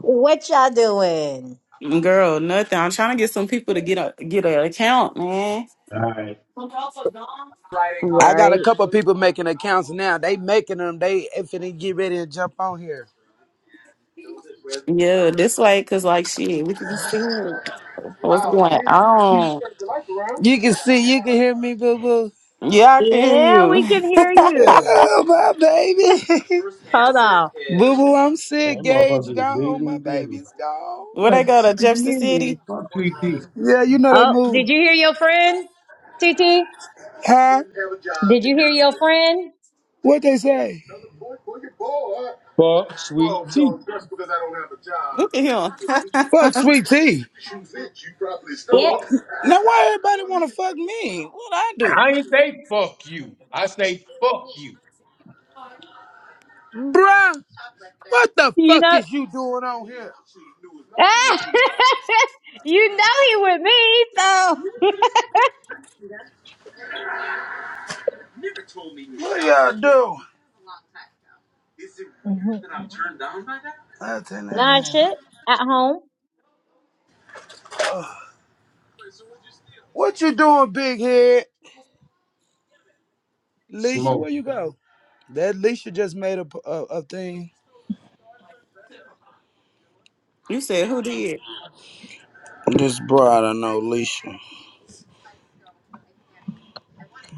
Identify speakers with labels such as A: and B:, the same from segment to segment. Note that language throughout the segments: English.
A: What y'all doing?
B: Girl, nothing. I'm trying to get some people to get a get an account, man.
A: All right.
C: I got a
A: Right.
C: couple people making accounts now. They making them. They finna get ready to jump on here.
B: Yeah, this way, cause like shit, we can just see what's going on.
C: You can see, you can hear me, boo boo.
B: Yeah, I can hear
A: Yeah, we
B: you.
A: can hear you.
C: Oh, my baby.
A: Hold on.
C: Boo boo, I'm
A: That
C: sick.
A: motherfucker
C: Gage
A: is big
C: gone. My
A: and big.
C: baby's gone.
B: Where
A: Look,
B: they go to Jefferson
A: hear you.
B: City?
A: Fuck TT.
C: Yeah, you know they
A: Oh, did
C: moved.
A: you hear your friend? T T.
C: Huh?
A: Did you hear your friend?
C: What they say?
A: Fuck sweet tea.
B: Look at him.
C: Fuck sweet tea.
A: Yeah. Fuck.
C: Now why everybody wanna fuck me? What I do?
A: I ain't say fuck you. I say fuck you.
C: Bruh, what the
A: You
C: fuck
A: know
C: is you doing on here?
A: You know he with me, so
C: What y'all do?
A: Mhm.
C: I turn that
A: nah
C: down.
A: shit at home.
C: What you doing, big head? Leisha,
A: Smoke.
C: where you go? That Leisha just made a, a, a thing.
B: you said who did?
C: This broad, I don't know Leisha.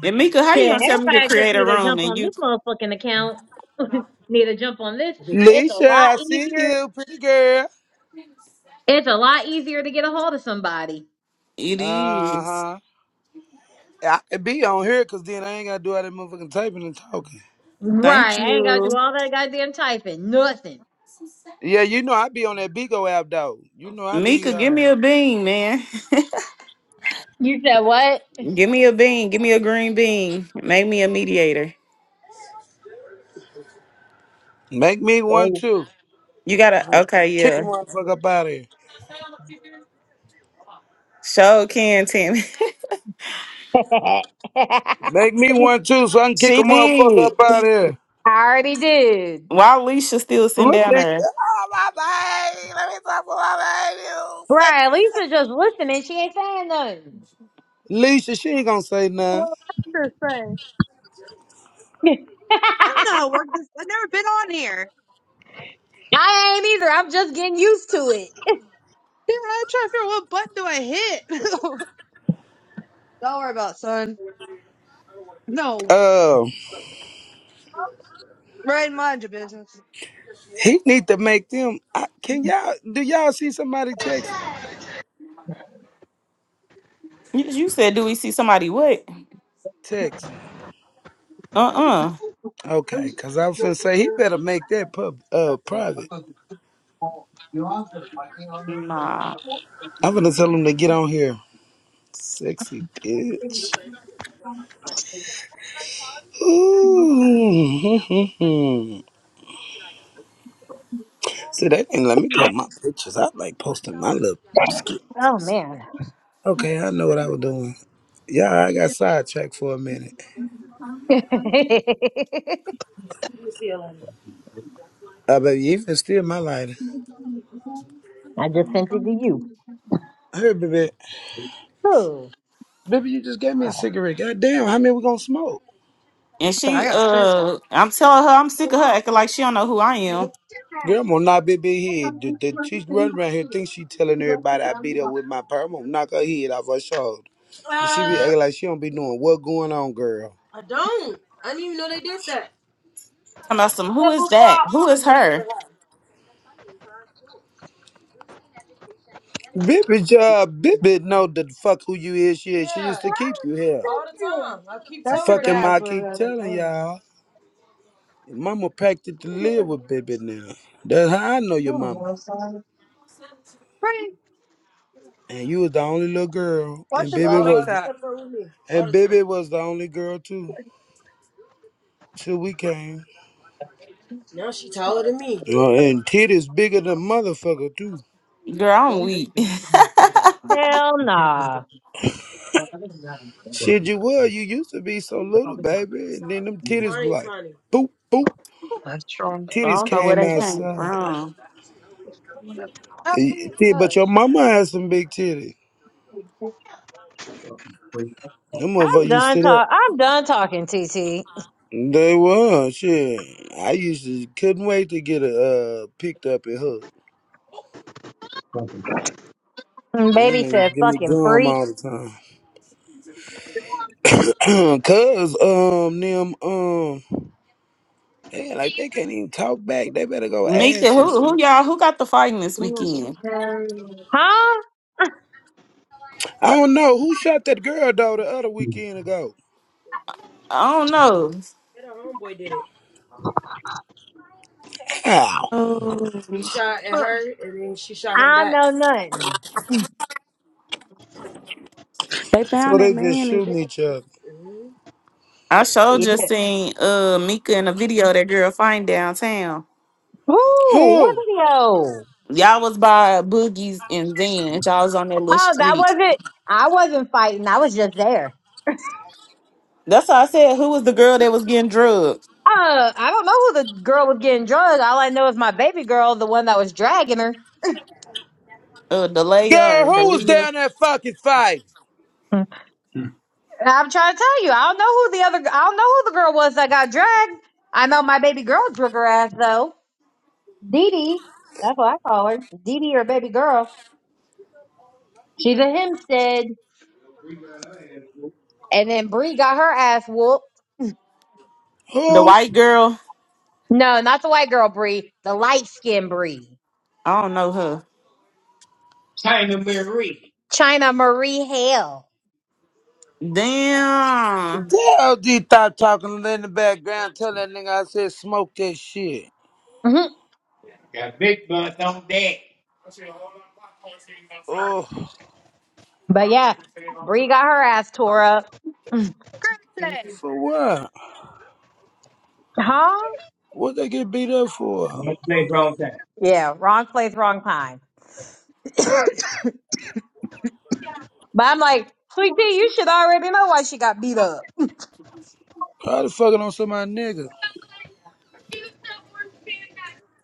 B: And Mika, how
A: Shit,
B: you gonna tell me to
A: everybody just
B: create a
A: need to
B: room
A: jump
B: and
A: on
B: you?
A: this motherfucking account. need to jump on this. It's a
C: Leisha,
A: lot
C: I see
A: easier.
C: you, pretty girl.
A: It's a lot easier to get a hold of somebody.
B: It
C: Uh
B: is.
C: huh. I could be on here because then I ain't gotta do all that motherfucking typing and talking.
B: Thank
A: Right. I ain't gotta
B: you,
A: do all that goddamn typing. Nothing.
C: Yeah, you know I be on that Bigo app though. You know I be
B: Mika.
C: uh,
B: Give me a bean, man.
A: You said what?
B: Give me a bean. Give me a green bean. Make me a mediator.
C: make me
A: There
C: one
A: you-
C: too.
B: You gotta. Okay,
C: Kick a
B: yeah.
C: motherfucker up out of here.
B: Show can Tim.
A: I
C: Make me one too so I can kick a
B: She
C: motherfucker
B: did.
C: up out of here.
A: already did.
B: Why Alicia still sitting
C: Look
B: down
C: at
B: there?
C: oh, my baby. Let me talk to my baby.
A: Right, Lisa just listening. She ain't saying nothing.
C: Leisha, she ain't gonna say nothing.
D: Well, that's the thing. I don't know. how to Work this. I've never been on here.
A: I ain't either. I'm just getting used to it.
D: Damn, i try to figure out what button do I hit. don't worry about it, son. No,
C: Uh,
D: right in mind your business.
C: he need to make them. I, can y'all do y'all see somebody texting?
B: You you said, do we see somebody? What?
C: Texting.
B: Uh-uh.
C: Okay, cause I was finna say he better make that pub uh private.
B: Nah.
C: I'm gonna tell him to get on here. Sexy bitch. Ooh. see, they didn't let me post my pictures. I like posting my little
A: Oh
C: skits.
A: man.
C: Okay, I know what I was doing. Yeah, I got sidetracked for a minute. I bet you even steal my lighter.
A: I just sent it to you.
C: Hey, baby,
A: Who?
C: baby, you just gave me a
A: Mm.
C: cigarette. God damn, how many we gonna smoke?
B: And
D: I
B: she,
D: got a pre-roll.
B: uh, I'm telling her, I'm sick of her acting like she don't know who I am.
C: Girl, I'm gonna knock baby head. The, the, she running around here thinks she telling everybody I beat her with my purse. I'm gonna knock her head off her shoulder. And she be Uh, acting like she don't be knowing what going on, girl. I don't. I didn't even know they did that.
B: Talking about some, who
C: Except
B: is
C: before
B: that?
C: I
B: Who is
C: in
B: her?
C: your house. Baby, job, baby, know the fuck who you is. She is. She Yeah, used to keep you here. all the time. I keep telling her
D: That's your
C: Fucking that. my
D: dad's, whatever
C: keep
D: that is. I
C: telling
D: don't know.
C: y'all. Mama packed it to live with baby now. That's how I know
D: I
C: your
D: don't
C: mama.
D: know, son. Pretty.
C: And you was the only little girl,
D: Watch
C: and
D: the
C: baby
D: bull make
C: was,
D: that.
C: Sure, and baby was the only girl too, till we came. Now she taller than me. Uh, and titties bigger than motherfucker too.
B: Girl, I'm weak. I
A: Hell nah.
C: Shit, you were. You used to be so little, baby. And then them titties were like, funny. boop boop. Titties
B: don't know where
C: came
B: they came
C: outside.
B: from.
D: i
C: Eh, eh, But your
D: hush.
C: mama had some big titties.
A: Fucking freak.
C: Them
A: I'm
C: motherfucker used
A: done
C: to that.
A: talk. I'm done talking, TT.
C: They were shit. I used to couldn't wait to get uh picked up and hooked.
A: Fucking And
C: They
A: Baby
C: niggas
A: said,
C: give me
A: "Fucking
C: gum
A: freak,
C: all the time. Cause um them um they like they can't even talk back. They better go add
B: Mika,
C: some
B: who, who
C: shit.
B: y'all, who got the fighting this weekend?
D: Scrap
A: huh?
C: I don't know who shot that girl though the other
A: freak.
C: weekend ago.
B: I don't know.
C: That her homeboy did it. Ow.
E: Oh,
C: He shot at her, and then she shot him
A: I
C: back.
A: know nothing."
E: they
C: So
E: found that
C: they just
E: man in jail.
C: shooting each other.
B: I sure
A: Yeah.
B: just seen uh Mika in a video of that girl fighting downtown.
A: Who? What
C: Who?
A: video?
B: Y'all was by Boogies and Zen. Y'all was on that little
A: Oh, that
B: street.
A: wasn't. I wasn't fighting. I was just there.
B: That's why I said who was the girl that was getting drugged?
A: Uh, I don't know who the girl was getting drugged. All I know is my baby girl, the one that was dragging her.
B: Uh Delia
C: Girl,
B: or
C: who was
B: Delia.
C: down there fucking fighting?
A: And I'm trying to tell you, I don't know who the other, I don't know who the girl was that got dragged. I know my baby girl drug her ass though. Dee Dee, that's what I call her. Dee Dee or baby girl. She's a Hempstead. And then Bree got her ass whooped.
B: The
C: Who?
B: white girl.
A: No, not the white girl Bree, the light skinned Bree.
B: I don't know her.
A: China Marie. China Marie Hale.
B: Damn.
C: Damn, D Top talking in the background. Tell that nigga I said smoke that shit.
A: hmm Got big butts on deck.
C: Oh,
A: But yeah, Bree got her ass tore up.
C: for what?
A: Huh?
C: What they get beat up for?
A: Wrong place, wrong time. Yeah, wrong place, wrong time. But I'm like, Sweet Pea, you should already know why she got beat up.
C: Probably fucking on somebody nigga.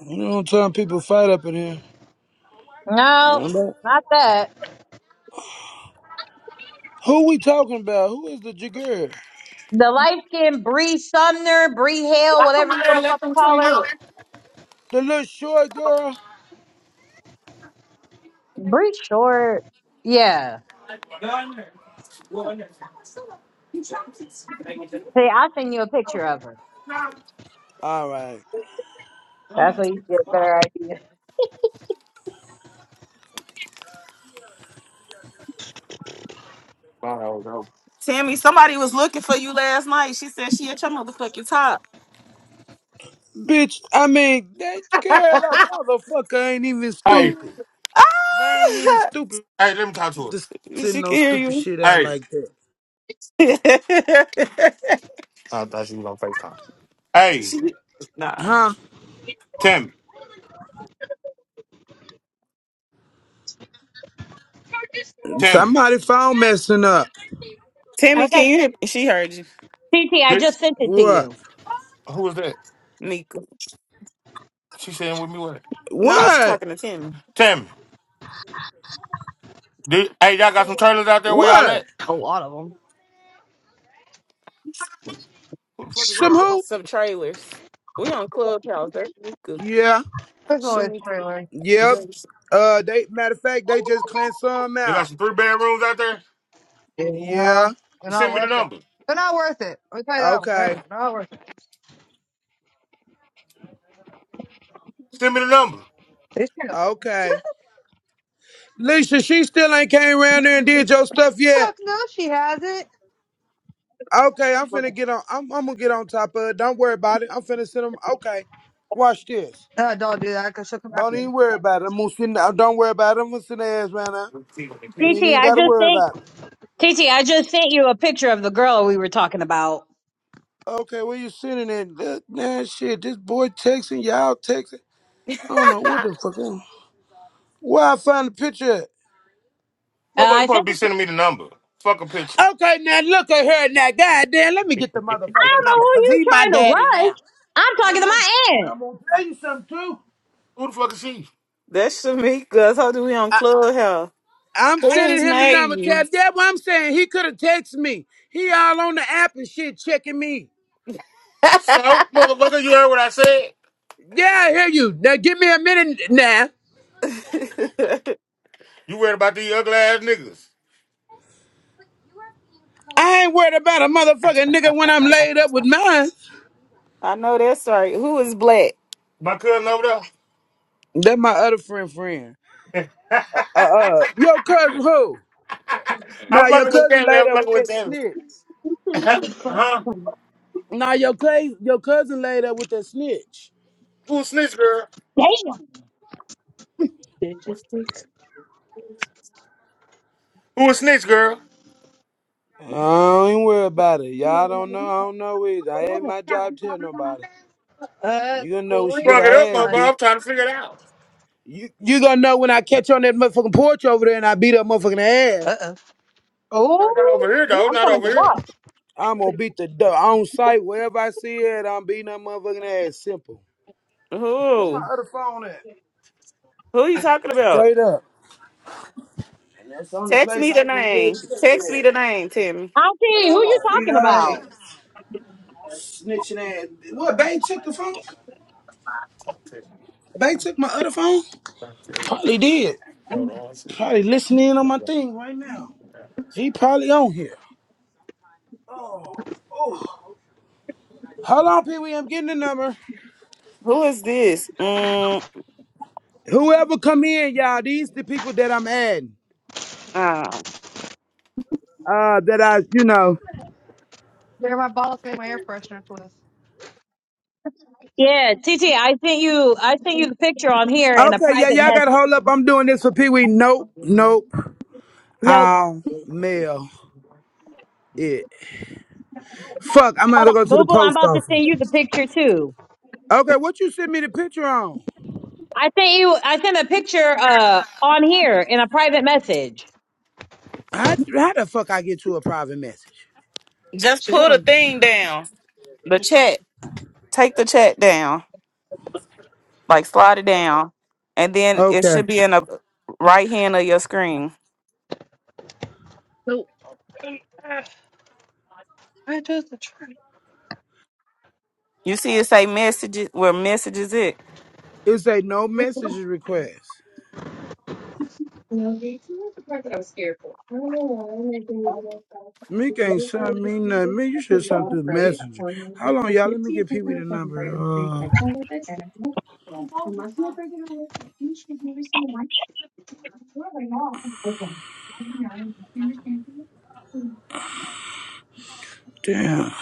C: You know what time people fight up in here.
A: No,
C: Remember?
A: not that.
C: Who we talking about? Who is the jigger?
A: The light skinned Bree Sumner, Bree Hale,
B: I come
A: whatever
B: out
A: you
B: there
A: want
B: and
A: to
B: let
A: fucking
B: them
A: call
B: clean
A: her.
B: up.
C: The little short girl?
A: Bree Short. Yeah. See, I'll send you a picture of her.
C: All right.
A: That's what you get a better idea.
B: Tammy, somebody was looking for you last night. She said she at your motherfucking top.
C: Bitch, I mean, that girl, that motherfucker ain't even stupid. They ain't even stupid to send
B: she
C: no
B: can
C: stupid
B: hear
C: shit out like that.
B: you. nah.
C: Huh? Somebody phone messing up.
B: Tammy,
A: Okay.
B: can you hear? She heard you.
A: TT, I just sent it to
C: What?
A: you.
B: Nika. No, she's
C: What?
B: talking to Tammy.
C: What?
D: A lot of them.
B: Who the fuck is that
C: Some
B: on the phone?
C: who?
B: Some trailers. We on Clubhouse. That's Shamika.
C: Yeah.
D: There's always
B: Shamika.
D: trailer.
C: Yep. Uh they matter of fact, they just cleaned some out.
D: Yeah,
C: Yeah.
D: they're not worth it. They're not worth it. Let me tell you that one.
C: Okay.
D: They're not worth it. They should-
C: Okay. Lisa, she still ain't came around there and did your stuff yet.
D: Fuck no, she hasn't.
C: Okay, I'm finna get on I'm I'm gonna get on top of it. Don't worry about it. I'm finna send them okay. Watch this.
D: No, don't do that because she'll come at
C: Don't
D: me.
C: even worry about it. I'm gonna send uh, don't worry about it. I'm gonna send the ass right now. You
A: TT,
C: ain't
A: I
C: gotta
A: just
C: worry
A: sent
C: about it.
A: TT, I just sent you a picture of the girl we were talking about.
C: Okay, where you sending it? Look, Man, shit, this boy texting, y'all texting. I don't know what the fuck. I- Where I find the picture at?
A: Uh, I sent it to
C: Okay, now look at her now. God damn, let me get the
A: I
C: motherfucking
A: don't know
C: number
A: who
C: because
A: you
C: he my
A: trying to
C: daddy
A: rush.
C: now.
A: I'm
C: I
A: talking
C: don't
A: to
C: know.
A: my aunt.
C: I'm going to tell you something, too.
B: That's Shamika. I told you we on
C: I,
B: Clubhouse.
C: I'm
B: Who
C: sending
B: is
C: him the number.
B: Navy?
C: Tell that what I'm saying. He could have texted me. He all on the app and shit checking me. Yeah, I hear you. Now give me a minute now. I ain't worried about a motherfucking nigga when I'm laid up with mine.
B: I know that's right. Who is Black?
C: That my other friend friend. Uh, uh, your cousin who? Nah, your cousin laid up with that snitch. Now your cou- your cousin laid up with that snitch.
A: Damn.
C: I don't worry about it. Y'all don't know. I don't know either. I ain't my job to tell nobody.
D: Uh,
C: You gonna know when she
D: three
C: get her
D: minutes
C: ass
D: time.
C: beat. You you gonna know when I catch you on that motherfucking porch over there and I beat up motherfucking ass.
D: Uh
A: Oh,
D: oh.
A: I'm coming to what?
C: I'm gonna beat the duck on sight wherever I see it. I'm beating that motherfucking ass. Simple,
B: Who? Who you talking about?
C: straight up. And that's the only
B: Text
C: place
B: me
C: I
B: the
C: can get
B: name. Text me
C: it.
B: the name, Timmy.
C: And
A: Auntie, who
C: I'm
A: you
C: gonna beat
A: talking
C: her ass,
A: about?
C: snitching ass. What? Bang took the phone. Bang took my other phone. Probably did. Probably listening in on my thing right now. He probably on here. Oh, oh. Hold on, people. I'm getting the number.
B: Who is this? Mm,
C: Whoever come in, y'all, these the people that I'm adding.
B: uh,
C: Uh, that I, you know.
D: They're my bottles made my air freshener twist.
A: Yeah, TT, I sent you I sent you the picture on here in a
C: Okay, yeah,
A: private
C: y'all gotta
A: message.
C: hold up. I'm doing this for Pee Wee. Nope, nope.
A: Nope.
C: I'll mail it. Fuck, I'm
A: Hold
C: gonna
A: on.
C: go to
A: Boo
C: the
A: boo, I'm
C: post
A: about to
C: office.
A: send you the picture too.
C: Okay, what you sent me the picture on?
A: I sent you I sent a picture uh on here in a private message.
C: How, how the fuck I get you a private message?
B: just pull the thing down. The chat. Take the chat down. Like slide it down, and then it should
C: Okay.
B: be in the right hand of your screen.
D: I chose the truck.
B: You see it say messages. Where messages it?
C: It say no messages request.
D: I don't know why I'm making these little guys like
C: Meek
D: the
C: ain't
D: videos are
C: sent
D: just
C: me nothing. Meek, you should
D: fucking
C: send
D: Not
C: through
D: Great. at
C: messenger.
D: pulling them
C: Hold
D: with me.
C: on,
D: I
C: y'all.
D: did
C: Let me
D: see a
C: get Pee Wee
D: TikTok
C: the
D: that was right
C: number.
D: big
C: Uh,
D: section with this, and I don't. Unless my brother or you should never see the mic before right now. I don't. Yeah, I understand.
C: damn.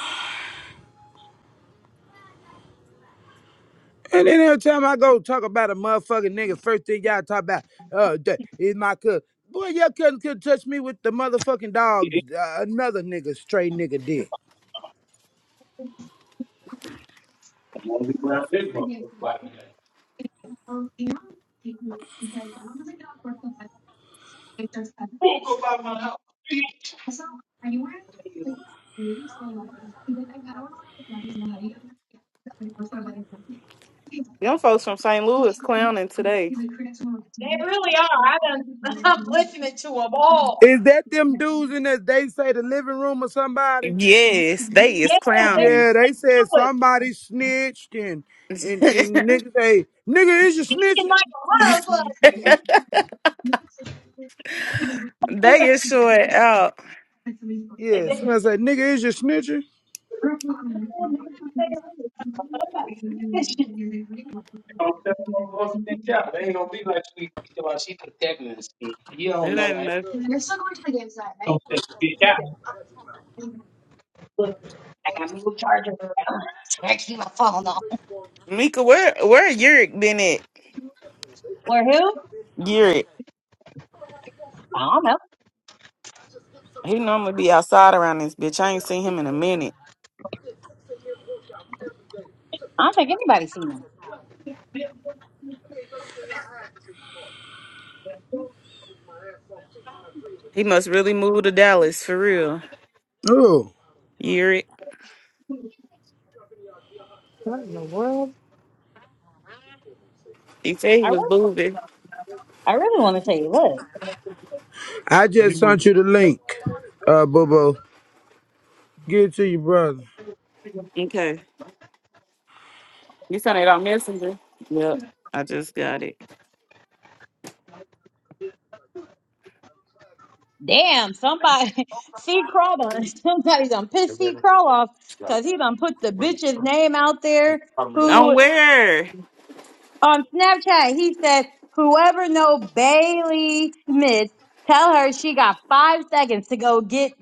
C: And then every time I go talk about a motherfucking nigga, first thing y'all talk about, uh, that is my cousin. Boy, your cousin could touch me with the motherfucking
A: It
C: dog.
A: ain't
C: Uh, another nigga, stray nigga did.
A: gonna be around big
D: Forgive
A: motherfucker by the
D: me.
A: day.
D: Um, yeah. Because I was like, of course, I just had.
A: Walk up by my house. They
D: Also, are you wearing like jeans or leggings? He's like, I I don't know, like leggings in a hoodie. Okay, yeah. That's my first one, leggings.
B: Them folks from St.
D: You're
B: Louis clowning today.
A: really are. I done, I'm listening to them all.
C: Is that them dudes in that they say the living room or somebody?
B: Yes, they
A: Yeah,
B: is
A: they
B: clowning.
C: Yeah, they said
A: do it.
C: somebody snitched and and and the
B: they
C: nigga say, nigga, is you
A: It's
C: snitching?
A: like a motherfucker.
B: is short out.
C: Yeah, somebody say, nigga, is you snitching?
A: You Don't tell no one to bitch out. They ain't gonna be like she thinking about she protecting us. You don't
B: It
A: know.
B: ain't
A: I ain't
B: enough.
D: still going to the game side, right?
A: gonna say bitch
D: Okay,
A: out.
D: good.
B: Mika, where where Yurik been at?
A: Or who?
B: Yurik.
A: I don't know.
B: He normally be outside around this bitch. I ain't seen him in a minute.
A: I don't think anybody's seen him.
B: He must really move to Dallas for real.
C: Oh.
B: Yurik. He said he
A: I
B: was
A: really,
B: moving.
A: I really want to tell you, look,
C: I just sent you the link, uh, Bobo. Give it to your brother.
B: Okay. You sent it on Messenger. Yep, I just got it.
A: damn, somebody, see crawl on, somebody done pissed see crawl off because he done put the bitch's name out there Who?
B: On where?
A: on Snapchat, he said, whoever know Bailey Smith, tell her she got five seconds to go get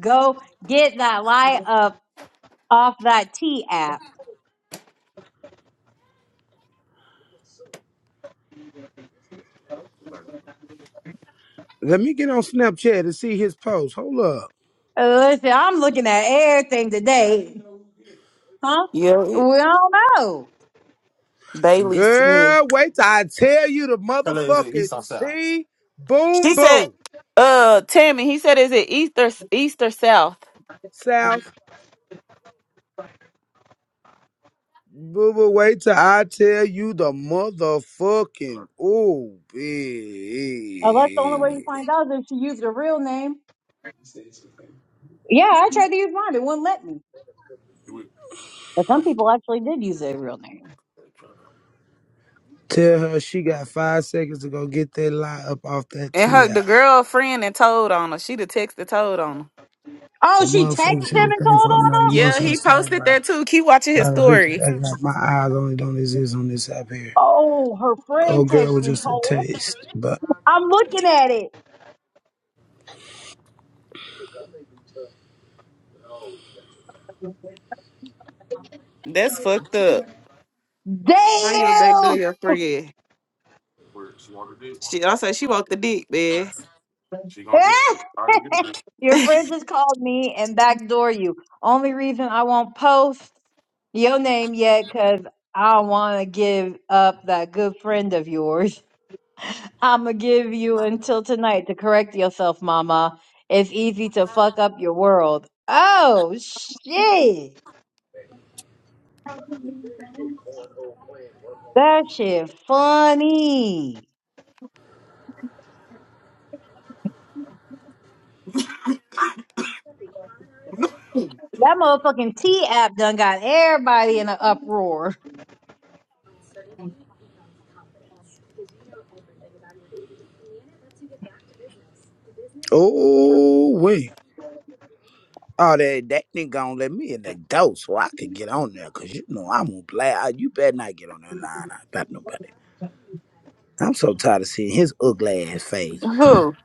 A: go get that light up off that T app.
C: Let me get on Snapchat and see his post. Hold up.
A: Listen, I'm looking at everything today. Huh?
B: Yeah,
A: We
B: it,
A: don't know.
B: Bailey Smith.
C: Girl, wait till I tell you the motherfucking T. Boom,
B: She said,
C: boom.
B: "Uh, Tammy." He said, "Is it east or east or south?"
C: South. Boo, boo, wait till I tell you the motherfucking. Ooh,
A: Unless the only way
C: bitch.
A: you find out is if she used her real name. Yeah, I tried to use mine. It wouldn't let me. But some people actually did use their real name.
C: Tell her she got five seconds to go get that lie up off that
B: And her
C: TI.
B: the girlfriend and told on her. She the text that told on her.
A: Oh,
C: But
A: she texted him
C: motherfuckers should be
A: and told
C: thankful I'm
A: on
C: not
A: him?
B: Yeah, he posted
C: emotional
B: that too. Keep watching his
C: Trying to bitches
B: story.
C: act like my eyes only don't exist on this app here.
A: Oh, her
C: Old
A: friend
C: girl
A: texted
C: was
A: and
C: just a
A: told. her.
C: taste, but
A: I'm looking at it.
B: That's fucked up. How you back door
A: Damn!
B: your friend? She also she walked the dick, man.
A: Your friend just called me and backdoor you. Only reason I won't post your name yet because I don't want to give up that good friend of yours. I'm going to give you until tonight to correct yourself, mama. It's easy to fuck up your world. Oh, shit. That shit funny. That motherfucking T app done got everybody in an uproar.
C: oh wait. Oh, that that nigga gonna let me in the door so I could get on there, cause you know I'm gonna play. I- You better not get on that line. I got nobody. I'm so tired of seeing his ugly ass face.
B: Who?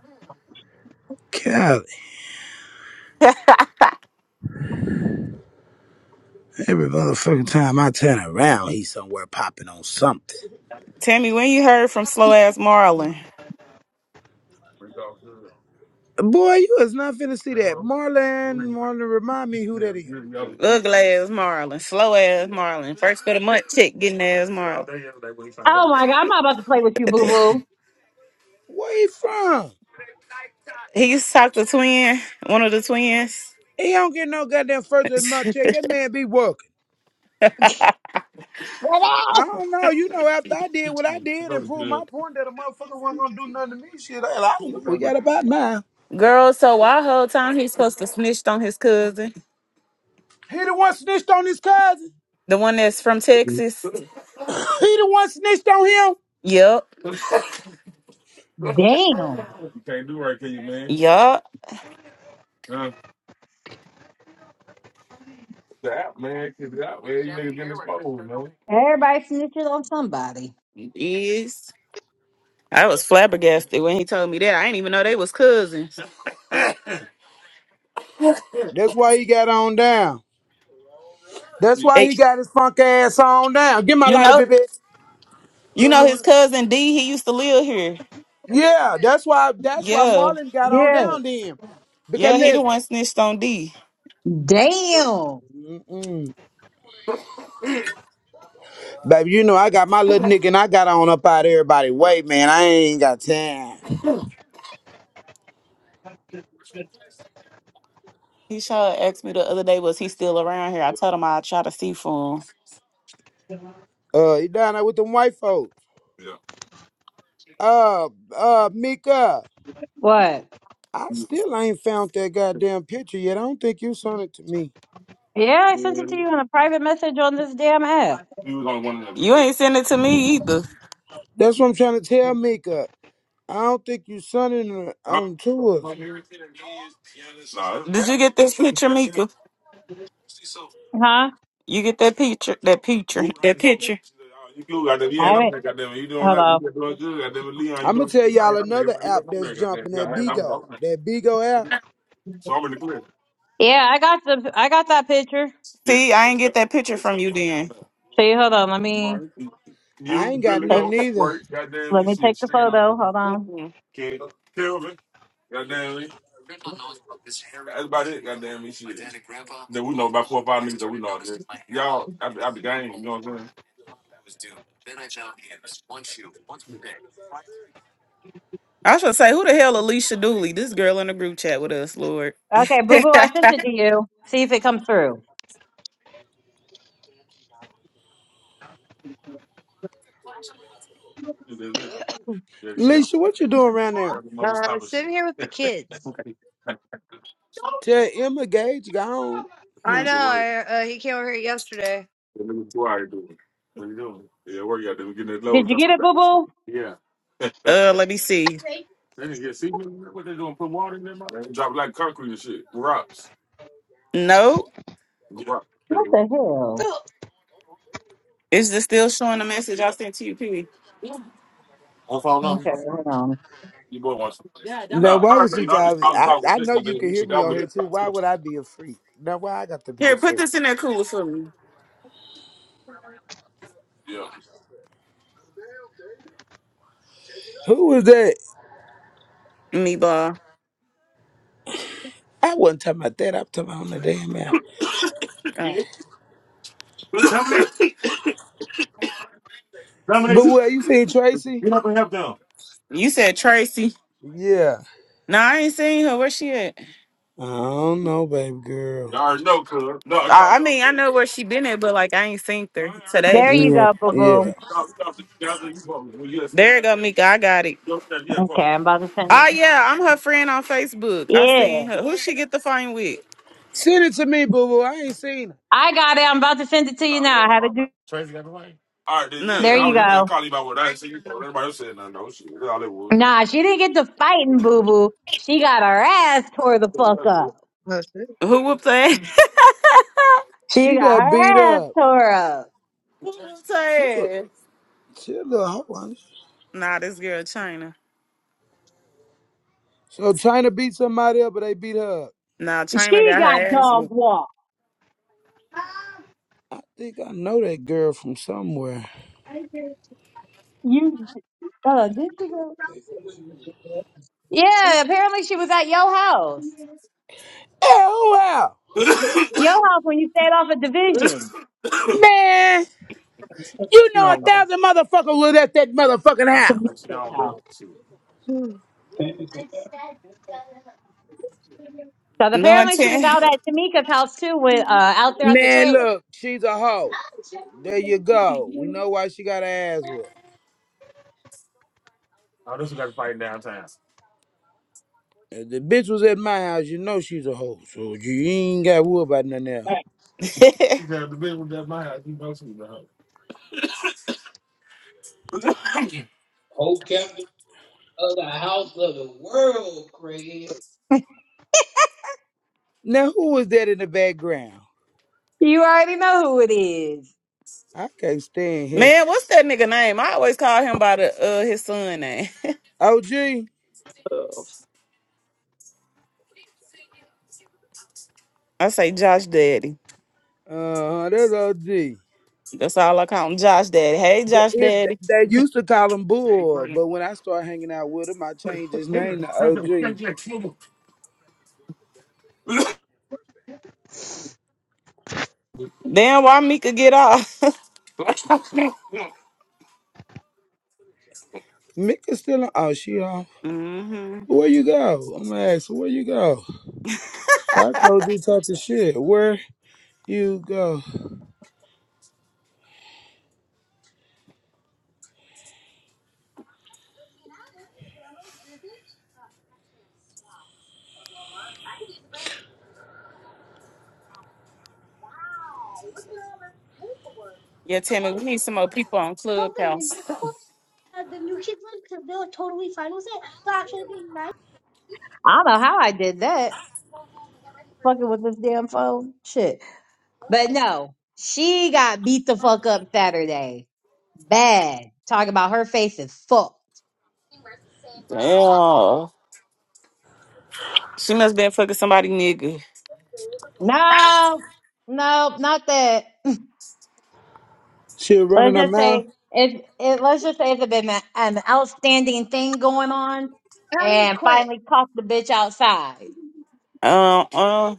C: Golly, every motherfucking time I turn around, he's somewhere popping on something.
B: Tammy, when you heard from slow ass Marlon?
C: Boy, you is not finna see that. Marlon, Marlon, remind me
B: Ugly
C: who that is.
B: ass Marlon, slow ass Marlon, first of the month chick, getting ass Marlon.
A: Oh my god, I'm not about to play with you, boo boo.
C: Where he from?
B: He used to talk to twin, one of the twins.
C: He don't get no goddamn first of the month check. That man be working. I don't know. You know, after I did what I did and proved my point that a motherfucker wasn't gonna do nothing to me, shit. I, I don't know. We got about mine.
B: Girl, so why whole time he's supposed to snitched on his cousin,
C: He the one snitched on his cousin.
B: the one that's from Texas?
C: he the one snitched on him.
B: Yep,
A: Damn.
B: Yup,
A: Everybody snitching on somebody.
B: is. I was flabbergasted when he told me that. I didn't even know they was cousins.
C: That's why he got on down. That's why
B: Hey,
C: he got his funk ass on down. Get my
B: you
C: lighter,
B: know,
C: baby.
B: you know
C: Girl,
B: his
C: look.
B: cousin D. He used to live here.
C: Yeah, that's why. That's why
B: Yeah,
C: Marlon got on
A: Yeah.
C: down then. Because
B: yeah, he the
C: listen,
B: one snitched on D.
A: Damn.
C: mm, baby, you know I got my little nigga and I got on up out of everybody way, man. I ain't got time.
B: He sure asked me the other day, was he still around here? I told him I'd try to see for him.
C: Uh, he down there with them white folks. Uh, uh, Mika,
A: What?
C: I still ain't found that goddamn picture yet. I don't think you sent it to me.
A: Yeah, I sent it to you in a private message on this damn app.
B: You ain't send it to me either.
C: That's what I'm trying to tell Mika. I don't think you sent it on on to us.
B: Did you get this picture, Mika?
A: Huh?
B: You get that picture? That picture? That picture?
A: I haven't. Hold on.
C: I'm gonna tell y'all another app that's jumping that Bigo, that Bigo app.
A: Yeah, I got the. I got that picture.
B: See, I ain't get that picture from you then.
A: See, hold on. Let me
C: I ain't got
A: take
C: nothing
A: the.
C: either.
A: Let me take the photo. Hold on.
B: Mhm. I should say, who the hell Alicia Dooley? This girl in the group chat with us, Lord.
A: Okay, boo boo. I sent it
B: that
A: to you. See if it comes through.
C: Lisa, what you doing around there?
D: Uh, sitting here with the kids.
C: Tell Emma Gage gone.
D: I know. I, uh, he came over here yesterday.
A: Did you get it, boo boo?
B: Uh, let me see. No,
A: What the hell?
B: is this still showing the message I sent to you, Pee?
A: Okay, hold on.
C: Now why was you guys? I I know you can hear me on here too. Why would I be a freak? Now why I got to be a
B: Here, put
C: freak?
B: this in that cooler for me.
C: Who was that?
B: Meatball.
C: I wasn't talking about that. I was talking about on the damn app.
B: Oh.
C: But what you seen Tracy?
B: You said Tracy.
C: Yeah.
B: No, I ain't seen her. Where she at?
C: I don't know, baby girl.
B: I, I mean, I know where she been at, but like I ain't seen her today.
A: There you
C: Yeah.
A: go, boo boo.
C: Yeah.
B: There you go, Mika. I got it.
A: Okay, I'm about to send it.
B: Oh yeah, I'm her friend on Facebook. I
A: Yeah,
B: seen her. Who she get the phone with?
C: Send it to me, boo boo. I ain't seen it.
A: I got it. I'm about to send it to you now. I had to do.
B: No.
A: There you
B: uh
A: go. Nah, she didn't get to fighting, boo boo. She got her ass tore the fuck up.
D: Oh, shit.
B: Who whooped her ass?
A: She
C: She
A: got
C: got
A: her
C: beat
A: ass
C: up.
A: tore up.
B: Who whooped her
C: She was
B: ass?
C: she a little hoe. ain't she?
B: Nah, this girl China.
C: So China beat somebody up, but they beat her up.
B: Nah, China
A: She
B: got her
A: got
B: ass
A: dog
B: whooped.
A: walk.
C: I think I know that girl from somewhere.
A: You, uh, did she go? Yeah, apparently she was at your house.
C: Oh wow.
A: Your house when you stayed off a division.
C: Man, you know a thousand motherfuckers was at that motherfucking house.
A: Tamika's
D: Mm. How
A: house.
D: did
A: So
B: No
A: apparently she was
B: intent.
A: out at Tamika's house too, with uh, out there at the
C: Man,
A: trailer.
C: look, she's a hoe.
D: he
C: There you go. We know why she got her ass whooped. If the bitch was at my house, you know she's a hoe, so you ain't got worry about nothing else.
B: Man,
A: Whole captain of the house of the world, Craig.
C: Now, who was that in the background?
A: You already know who it is.
C: I can't stand his
B: what's that nigga name? I always call him by the uh his son name.
C: OG.
B: I say Josh Daddy.
C: Uh, that's OG.
B: That's all I call him, Josh Daddy. Hey,
C: The,
B: Josh
C: it,
B: Daddy.
C: they used to call him Bull, but when I started hanging out with him, I changed his name to OG.
B: Damn, why Mika get off?
C: Mika's still on. Oh, she on.
B: Mm-hmm.
C: Where you go? I'm gonna ask her, where you go? I told you talking shit. Where you go?
B: Yeah, Tammy, we need some more people on Clubhouse.
D: quit?
A: I don't know how I did that. Fucking with this damn phone. Shit. But no, she got beat the fuck up Saturday. Bad. Talking about her face is fucked.
B: Damn, she must been fucking somebody nigga.
A: No, no, not that.
C: She was
A: Let's
C: running her
A: just
C: mouth.
A: say it. It let's just say it's a been a- an outstanding thing going on, and finally caught the bitch outside.
B: Uh-uh.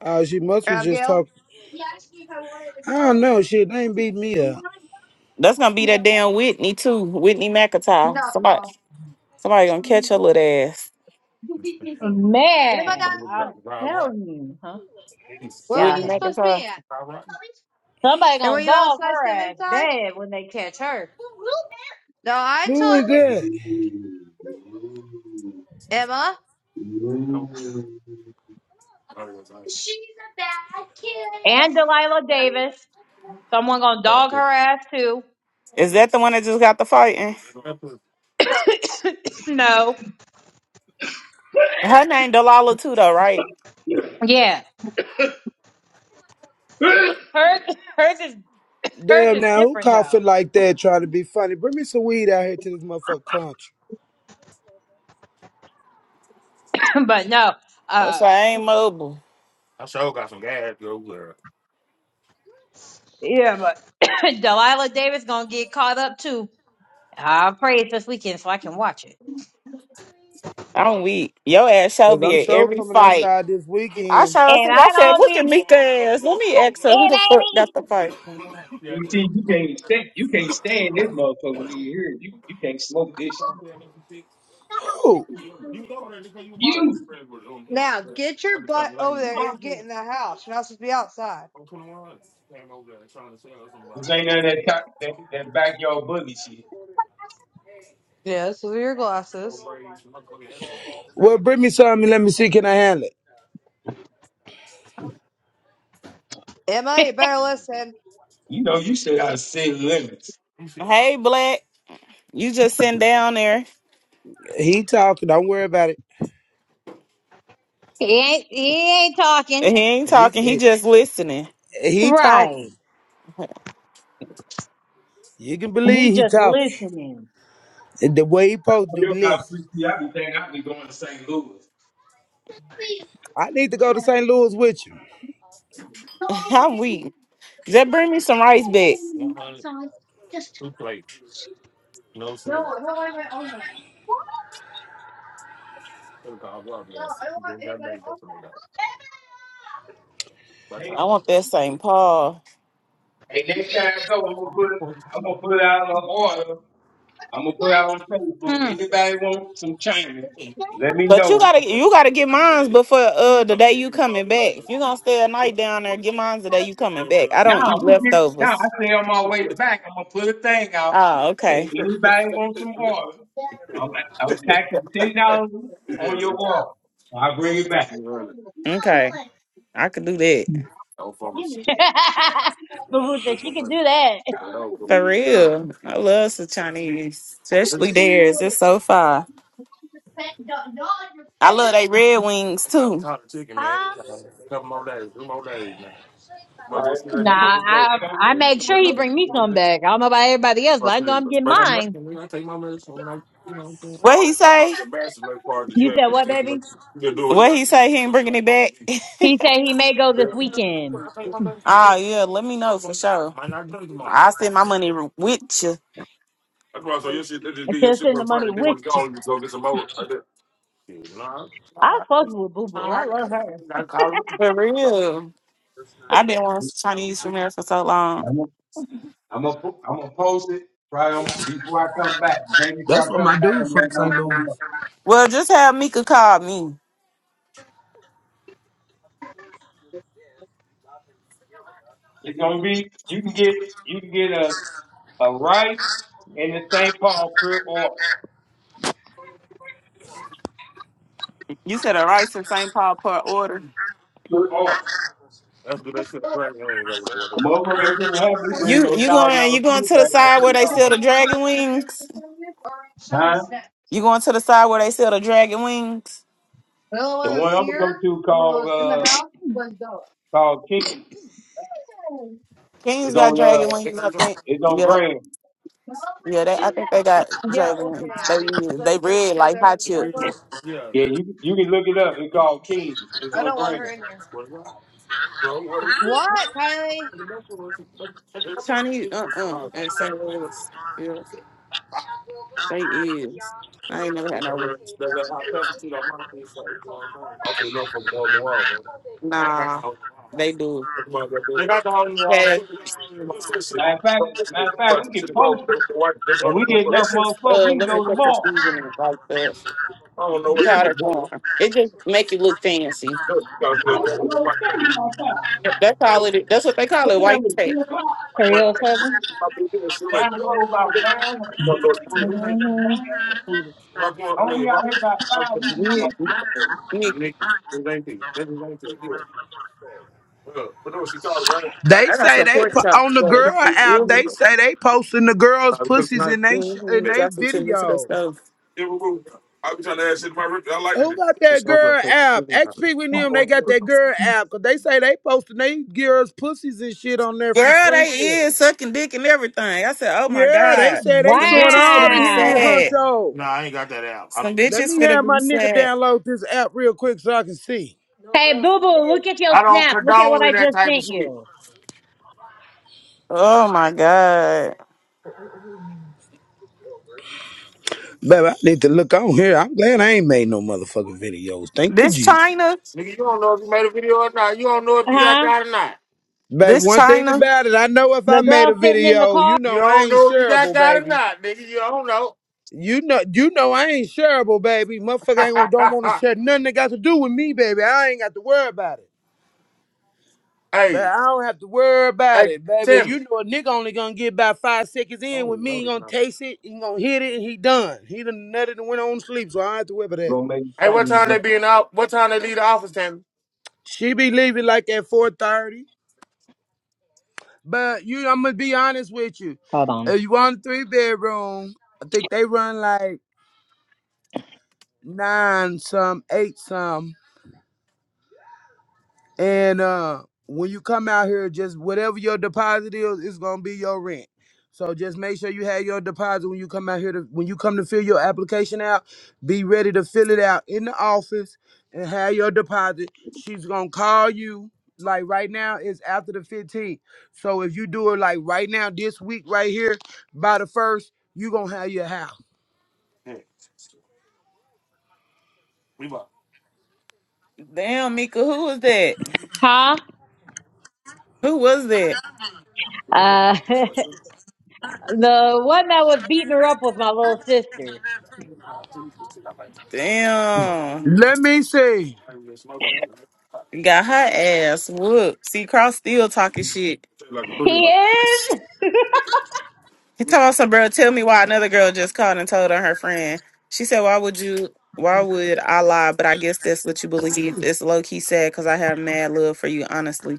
C: Oh, she must was just
D: Abigail?
C: talking. I don't know. Shit, they ain't beat me up.
B: That's gonna be that
D: No.
B: damn Whitney too, Whitney McIntyre. Somebody, somebody gonna catch her little ass.
D: And then I got
A: Man,
D: in
A: I'm
D: there.
A: telling you, huh?
D: Where were
A: Yeah,
B: Whitney
D: you
A: hey,
D: supposed to
B: McIntyre.
D: be at?
A: somebody
D: And were
A: gonna
D: you
A: dog
D: outside,
A: her
D: step
A: ass
D: inside?
A: bad when they catch her.
D: No, I
C: Who
D: told
C: is
D: you.
C: that?
D: Emma, she's a bad kid.
A: And Delilah Davis, someone gonna dog her ass too.
B: Is that the one that just got the fighting?
A: no,
B: Her name Delala too, though, right?
A: yeah, hers, hers is hers
C: Damn
A: is
C: now, who
A: different
C: coughing
A: though.
C: like that trying to be funny? Bring me some weed out here to this motherfucking country.
A: but no, uh,
B: So I ain't mobile.
A: Yeah, but Delilah Davis gonna get caught up too. I prayed this weekend so I can watch it.
B: I'm weak. Your ass shall
C: Cause
B: be
C: I'm
B: at
C: sure
B: every
C: coming
B: fight.
C: outside this
B: I
C: weekend.
B: shall
A: And
B: think
A: I
B: I said,
A: don't
B: look at
A: be
B: Mika ass. Let me ask her who
A: it
B: the fuck
A: ain't e-
B: got the fight.
A: You see, you can't stand, you can't stand this motherfucker in here. You you can't smoke this shit.
C: Cool.
A: You
D: now get your butt over there and get in the house. You're not supposed to be outside.
A: this ain't none of that co- that, that backyard boogie shit.
D: Yes, those are your glasses.
C: Well, bring me some and let me see can I handle it.
D: Emma, you better listen.
A: You know you still gotta set limits.
B: Hey, Black, you just sitting down there.
C: He talking, don't worry about it.
A: he ain't he ain't talking.
B: And he ain't
C: He
B: talking. He
C: he,
B: just listening.
C: he
A: Right.
C: talking. You can
A: He
C: believe he
A: just
C: talking.
A: listening.
C: The way he supposed to do
A: You're not
C: listen.
A: freaky. I be thinking I be going to St. Louis.
D: Please,
C: I need to go to
D: yeah.
C: St. Louis with you.
D: No,
B: I'm weak. Just bring me some rice back.
D: outside. Just no, I don't want anybody on that. What? No, I don't want anybody on that.
B: I want that St. Paul.
A: Hey,
D: No.
A: next
D: you.
A: time I go, I'm gonna put I'm gonna put out an order. I'm gonna put out on Facebook. Hmm. Anybody want some China? Let me
B: But you
A: know.
B: gotta you gotta get mines before uh the day you coming back. If you gonna stay a night down there, get mines the day you coming back. I don't
A: Now
B: eat
A: I'm just now I
B: leftovers.
A: say on my way back, I'm gonna put a thing out.
B: Oh,
A: Hey,
B: okay.
A: anybody want some order? I'm I'm taxing ten dollars on your order. I'll bring it back.
B: Okay. I could do that.
D: just
A: Boo that she could do that.
B: For
D: don't know.
B: real. I love some Chinese.
D: I just
B: Especially
D: don't
B: theirs. It's
D: know.
B: so far.
D: No, no, you're
B: I love
D: petty.
B: they red wings too.
D: Ah.
B: What
A: All right. Nah, I Okay. I make sure he bring me some back. I don't know about everybody else, but I know I'm getting mine.
B: he say?
A: You said what, baby?
B: What he say? He ain't bringing it back.
A: He said he may go this weekend.
B: Ah, yeah, let me know for sure. I send my money with you.
A: Just in the money with you. I fuck with Boo Boo. I love her.
B: For real. I've been wanting some Chinese from there for so long.
A: I'm gonna I'm gonna po- I'm gonna post it right on, before I come back. The Day before
C: That's what
A: I come
C: my
A: back,
C: dude
A: I'm gonna
C: from
A: let
C: St.
A: motherfuckers
C: Louis.
A: know.
B: Well, just have Mika call me.
A: It's gonna be you can get you can get a a rice and the St. Paul pure oil.
B: You said a rice and St. Paul per order.
A: Pure oil. Motherfucker ain't gonna have me bring
B: You
A: those
B: you
A: thousand
B: going
A: dollar
B: you going
A: food
B: to the
A: bags for
B: side where
A: three
B: they
A: dollars.
B: sell the dragon wings?
A: Huh?
B: You going to the side where they sell the dragon wings?
A: The one I'm gonna go to called
D: in the
A: uh
D: house was dope.
A: called King
B: Kings
A: It's
B: got
A: on
B: dragon
A: uh
B: wings, I think.
A: it's on
B: Yep.
A: Grand.
D: No one
B: Yeah, they, I
D: do
B: think they
D: that.
B: got
D: Yeah,
B: dragon
D: okay,
B: wings. They
D: Abby. Let's
B: they
D: start
B: red
D: show
B: like
D: there on
B: hot
D: the
B: chips.
D: server.
A: Yeah, you you can look it up. It's called King. It's
D: I
A: on
D: don't want
A: Grand.
D: her in there. What, Kylie?
B: Chinese, uh uh at St. Louis. Yeah, they is. I ain't never had no roots. Nah, they do. Has,
A: Matter of fact, matter of fact, we can post it, and we get enough motherfuckers,
B: uh,
A: we can
B: let me
A: go to the
B: put the
A: mall.
B: seasoning in like the
A: You got
B: powder
A: one.
B: form. It just make it look fancy.
A: to tell you
B: That's all it. is. That's what they call
A: What
B: it,
A: time
B: white
A: is it? Three
B: tape.
A: o'clock. Three oh seven. Time to go about nine or Mhm. Oh, we out here by five. We can get.
B: Nigga,
C: They say they po- on the girl app. They say they posting the girls' pussies in they sh-
B: mm-hmm,
C: in they
B: Justin took me to the
C: video.
B: stove.
C: Who got that girl app? XP with them, they got that girl app. Cause they say they posting they girls pussies and shit on there from
B: Girl,
C: Springfield.
B: they is sucking dick and everything. I said, oh my
C: Yeah, they
B: God.
C: say they
B: Some
C: showing
B: bitches gonna
C: all the
B: be
C: head
B: sad.
A: Wow.
C: hunto.
B: Some
C: Let me
B: bitches gonna
C: have
B: be
C: my nigga
B: sad.
C: download this app real quick so I can see. No
A: Hey,
C: girls
A: Boo
C: can
A: Boo,
C: live.
A: look at your snap. Look at what I just sent you.
B: Oh my God.
C: Baby, I need to look on here. I'm glad I ain't made no motherfucking videos. Thank you,
B: This
C: G.
B: China,
A: Uh Huh?
C: Baby,
B: this
C: one thing
B: China.
C: about it, I know if I
A: The
C: made
A: girl
C: a
A: sitting in the
C: video,
A: car.
C: you know I ain't shareable, baby. You know, you know, I ain't shareable, baby. Motherfucker ain't gonna don't want to share nothing that got to do with me, baby. I ain't got to worry about it. But I don't have to worry about it, baby. You know, a nigga only gonna get about five seconds in with me. He gonna taste it, he gonna hit it, and he done. He done nutted and went on to sleep, so I don't have to worry about
A: We're
C: that.
A: gonna make a family run.
C: She be leaving like at four thirty. But you, I'm gonna be honest with you.
A: Hold on.
C: If you want a three bedroom, I think they run like nine some, eight some. And uh, when you come out here, just whatever your deposit is, it's gonna be your rent. So just make sure you have your deposit when you come out here. To, when you come to fill your application out, be ready to fill it out in the office and have your deposit. She's gonna call you. Like right now, it's after the 15th. So if you do it like right now, this week right here, by the first, you gonna have your house.
B: Damn, Mika, who was that?
A: Huh?
B: Who was that?
A: Uh, the one that was beating her up was my little sister.
B: Damn.
C: Let me see.
B: Got her ass whooped. See, Cross still talking shit.
A: He is?
B: He told some bro? Tell me why another girl just called and told on her friend. She said, "Why would you? Why would I lie? But I guess that's what you believe. It's low key sad because I have mad love for you, honestly.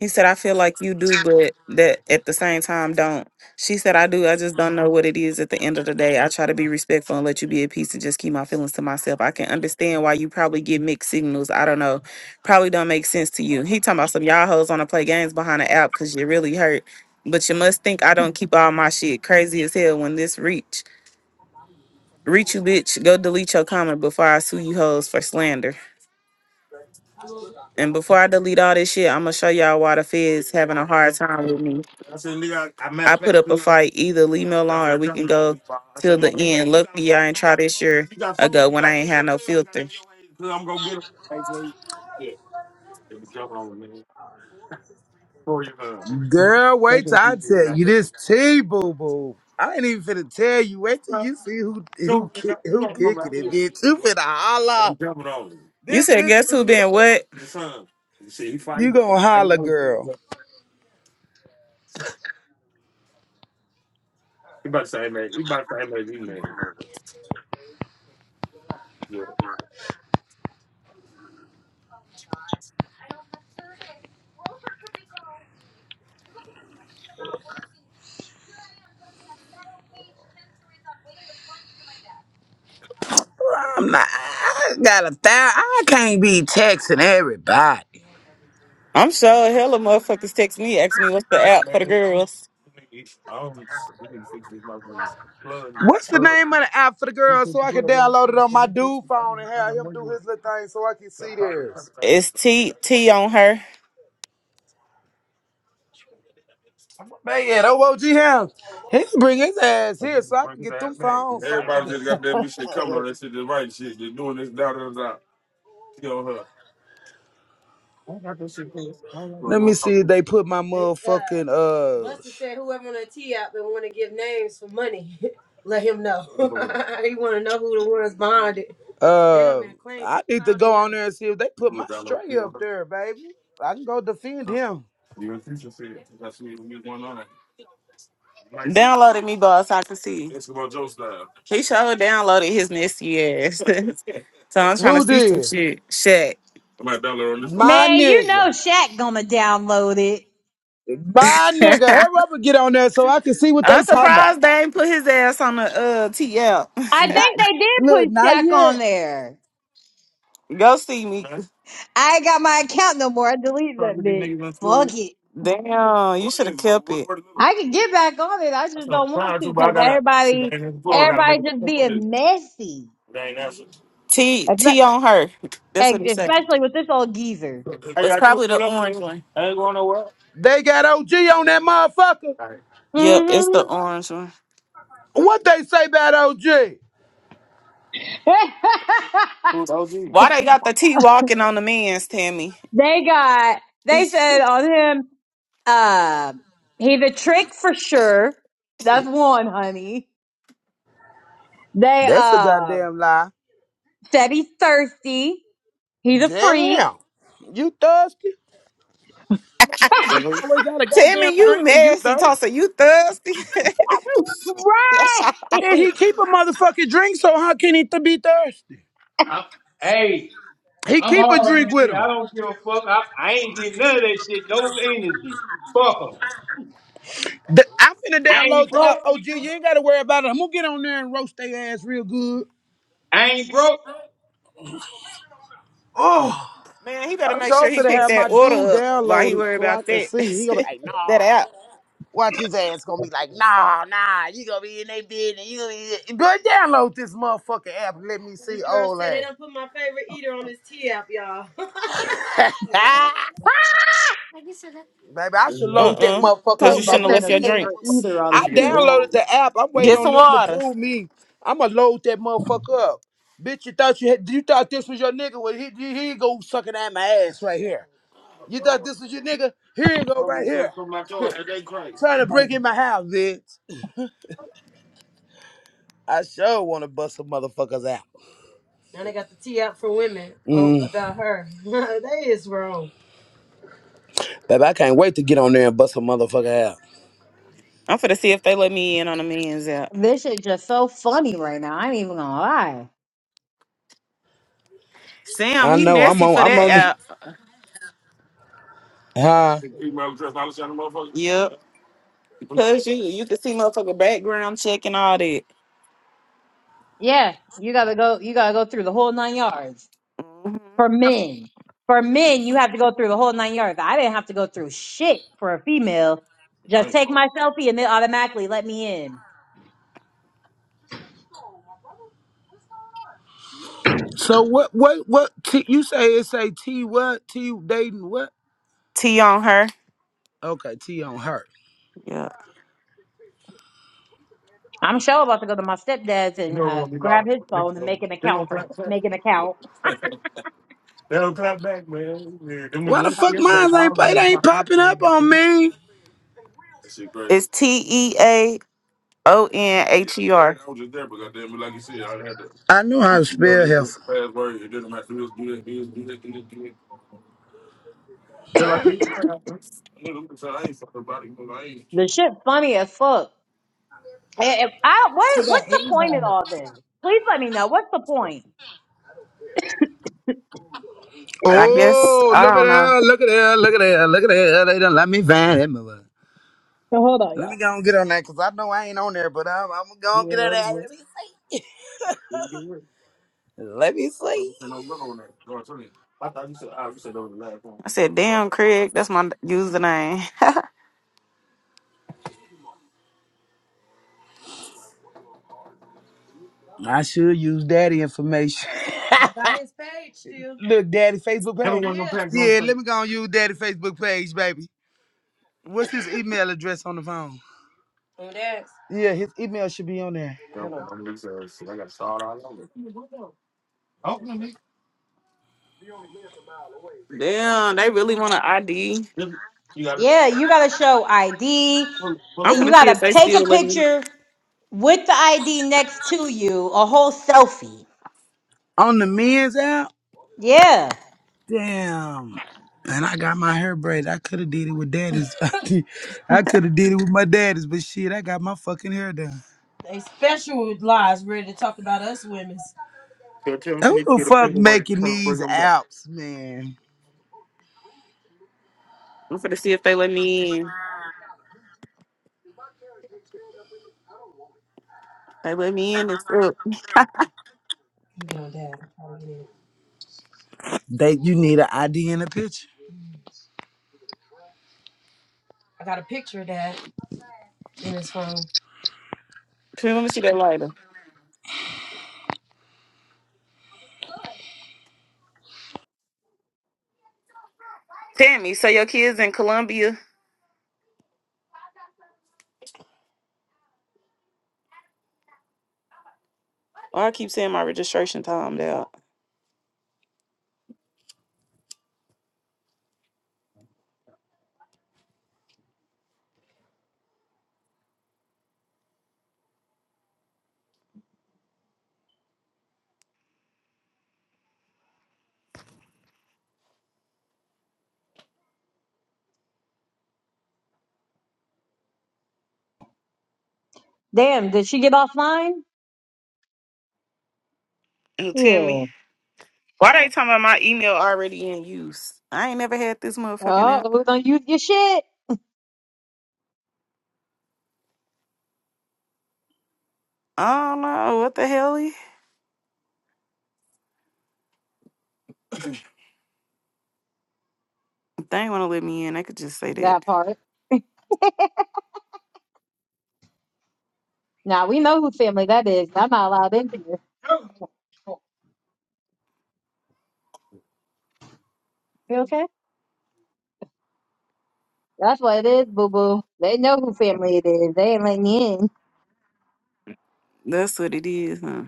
B: He said, I feel like you do, but that at the same time don't. She said, I do. I just don't know what it is at the end of the day. I try to be respectful and let you be at peace and just keep my feelings to myself. I can understand why you probably get mixed signals. I don't know. Probably don't make sense to you. He talking about some y'all hoes want to play games behind the app because you really hurt. But you must think I don't keep all my shit crazy as hell when this reach. Reach you, bitch. Go delete your comment before I sue you hoes for slander. And before I delete all this shit, I'm gonna show y'all why the feds having a hard time with me. I said, "Nigga, I met- I put up a fight. Either leave me alone or we can go till the end. Luckily, I ain't try this year ago when I ain't had no filter.
C: Girl, wait till I tell you this tea boo boo. I ain't even finna tell you. Wait till you see who who kick who kicking it, bitch. You finna holla.
B: You
C: This
B: said,
C: bitch,
B: guess who
C: is-
B: been what?
C: you gonna holla, girl. I'm not. I got a thou. I can't be texting everybody.
B: I'm sure hella motherfuckers text me, ask me what's the app for the girls.
C: What's the name of the app for the girls so I can download it on my dude phone and have him do his little thing so I can see theirs?
B: It's T T on her.
C: Man, yeah, that OG him. He can bring his ass here so I can get them phones so I can. Let me see if they put my motherfucking uh Buster said whoever on the tee out and want to give names for money, let him know. he want to know who the ones behind it. Uh, Damn uh near I need to go on there and see if they put my stray up there, baby. I can go defend him.
B: Downloaded me, boss. I can see. He sure downloaded his nasty ass. so I'm trying to
C: Who
B: see some
C: did?
B: shit. Shit.
C: My
A: Man, you know
C: nigga.
A: Shaq Gonna download it.
C: My nigga. Hurry up and get on there so I can see what they
B: I'm
C: talking about.
B: surprised they ain't put his ass on the uh TL.
A: I think they did
C: Look,
A: put
C: not
A: Shaq on
C: yet.
A: there.
B: Go see me.
A: I ain't got my account no more. I deleted that bitch. Fuck it.
B: Damn, you should have kept it.
A: I can get back on it. I just don't want to because everybody, everybody just being messy,
B: T T
A: Espe-
B: on her. That's what it said.
A: especially with this old geezer.
B: It's probably the orange one.
C: They got OG on that motherfucker.
B: Yep, it's
A: hmm
B: the orange one.
C: What they say about OG?
B: Why they got the T walking on the men's, Tammy?
A: they got. They said on him, uh, he's a trick for sure. That's one, honey. They
C: That's a
A: um,
C: goddamn lie.
A: Said he's thirsty. He's a freak.
C: Damn. You thirsty? You always got a goddamn
B: Tammy, you
C: drink and you
B: messy,
C: thirsty?
B: Tossa. You thirsty?
C: Yeah,
A: right.
C: he keep a motherfucking drink, so how can he th- be thirsty?
A: I'm, hey,
C: He
A: I'm hard
C: keep a
A: on
C: drink
A: that
C: with
A: shit. I
C: him.
A: don't give a fuck. I, I ain't getting none of that shit. No energy. Fuck 'em.
C: The, I finna
A: I ain't
C: download the app.
A: broke.
C: OG, you ain't gotta worry about it. I'm gonna get on there and roast their ass real good.
A: I ain't broke.
C: Oh,
B: Man, he better
C: I'm
B: make
C: so
B: sure he
C: finna
B: picked
C: have my
B: that
C: dude
B: order up while he
C: download it
B: worry
C: so I
B: about
C: can
B: that.
C: see. He gonna be like,
B: that
C: no.
B: app.
C: Watch his ass gonna be like, nah, nah, you gonna be in they bed and you gonna be girl, download this motherfucking app. and Let me see This girl old said they ass. done put my favorite eater on this tea app, y'all. Baby, I should load
A: Talking
C: that
B: Uh-uh. Cause
C: motherfucker
B: you
C: up. They
B: shouldn't
A: about
B: have
A: putting
C: let
B: left
A: a
B: your
C: me in that
A: favorite
C: motherfucker.
B: drinks.
A: either on the
C: I
A: T
C: downloaded
A: on.
C: the app. I'm waiting
B: Get
C: on
B: some
C: them to
B: water.
C: prove me. I'ma load that motherfucker up. Bitch, you thought you had, you thought this was your nigga. Well, he, he, he go sucking at my ass right here. You thought this was your nigga? Here you go right here. Trying to break in my house, bitch. I sure want to bust some motherfuckers out. Now they got the tea out for women. Mm. Oh, Mm. about her. that is wrong. Baby, I can't wait to get on there and bust a motherfucker out.
B: I'm finna see if they let me in on the man's app.
A: This shit just so funny right now. I ain't even gonna lie.
B: Sam,
C: I
B: he
C: know. I'm
B: messy
C: on.
B: for
C: I'm
B: that
C: on. it.
B: app.
C: Huh?
B: Yep. Cause you you can see motherfucker background check and all that.
A: Yeah, you gotta go. You gotta go through the whole nine yards.
B: hmm
A: for men. For men, you have to go through the whole nine yards. I didn't have to go through shit for a female. Just take my selfie and they automatically let me in.
C: So what? What? What? T, you say it say T what? T dating what?
B: T on her.
C: Okay, T on her.
B: Yeah.
A: I'm sure about to go to my stepdad's and uh, grab his phone and make an account for make an account.
C: Why the fuck mine ain't? It ain't popping up on me.
B: It's T E A O N H E R.
C: I knew how to spell hell.
A: The shit funny as fuck. And I,
C: They
A: what
C: got
A: what's the point in
C: anybody.
A: all this? Please let me know. What's the point?
B: I guess
C: Oh,
B: I
C: look at
B: don't know.
C: her! Look at her! Look at her! Look at her! They done let me find that mother.
A: So hold on,
C: Let me
A: y'all.
C: go and get on that because I know I ain't on there, but I'm, I'm gonna go and get on that. Let me see. Let me see.
B: I said, damn, Craig, that's my username.
C: I should use daddy information. Got his page still. Look, daddy Facebook page. Yeah. Yeah, let me go and use daddy Facebook page, baby. What's his email address on the phone? Oh, that's. Yeah, his email should be on there.
B: damn, they really want an ID.
A: Yeah, you gotta show ID.
B: I'm
A: You
B: to see if
A: gotta
B: they
A: take a
B: still let me.
A: picture with the ID next to you, a whole selfie.
C: On the men's app?
A: Yeah.
C: Damn. And I got my hair braided. I could have did it with daddy's. I could have did it with my daddy's, but shit, I got my fucking hair done. They special lies ready to talk about us women. And who the fuck making these apps, man?
B: I'm to see if they let me in. They let me in. It's up.
C: Let me get on dad. I'll get in. They you need an ID and a picture. I got a picture of dad in his phone.
B: Tim, let me see that lighter. Tammy, so your kids in Columbia? Oh, I keep saying my registration time there.
A: Damn, did she get offline?
B: Oh, Tammy.
A: Yeah.
B: Why they talking about my email already in use? I ain't never had this motherfucking out.
A: Oh, we don't use your shit.
B: I don't know. What the hell? They ain't want to let me in. I could just say that.
A: That part. Now we know whose family that is. I'm not allowed in here. You okay? That's what it is, boo boo. They know who family it is. They ain't letting you in.
B: That's what it is, huh?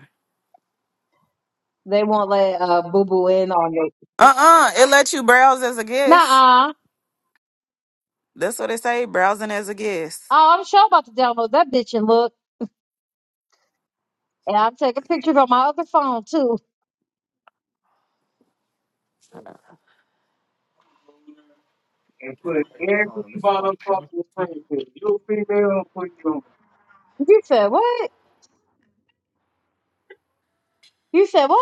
A: They won't let uh boo boo in on you.
B: Uh-uh. It lets you browse as a guest.
A: Nah. uh
B: That's what they say, browsing as a guest.
A: Oh, I'm sure about to download that bitch and look. And I'm taking pictures on my other phone too. and put every motherfucking thing. If you a female, I'll put you on. You said what? You said what?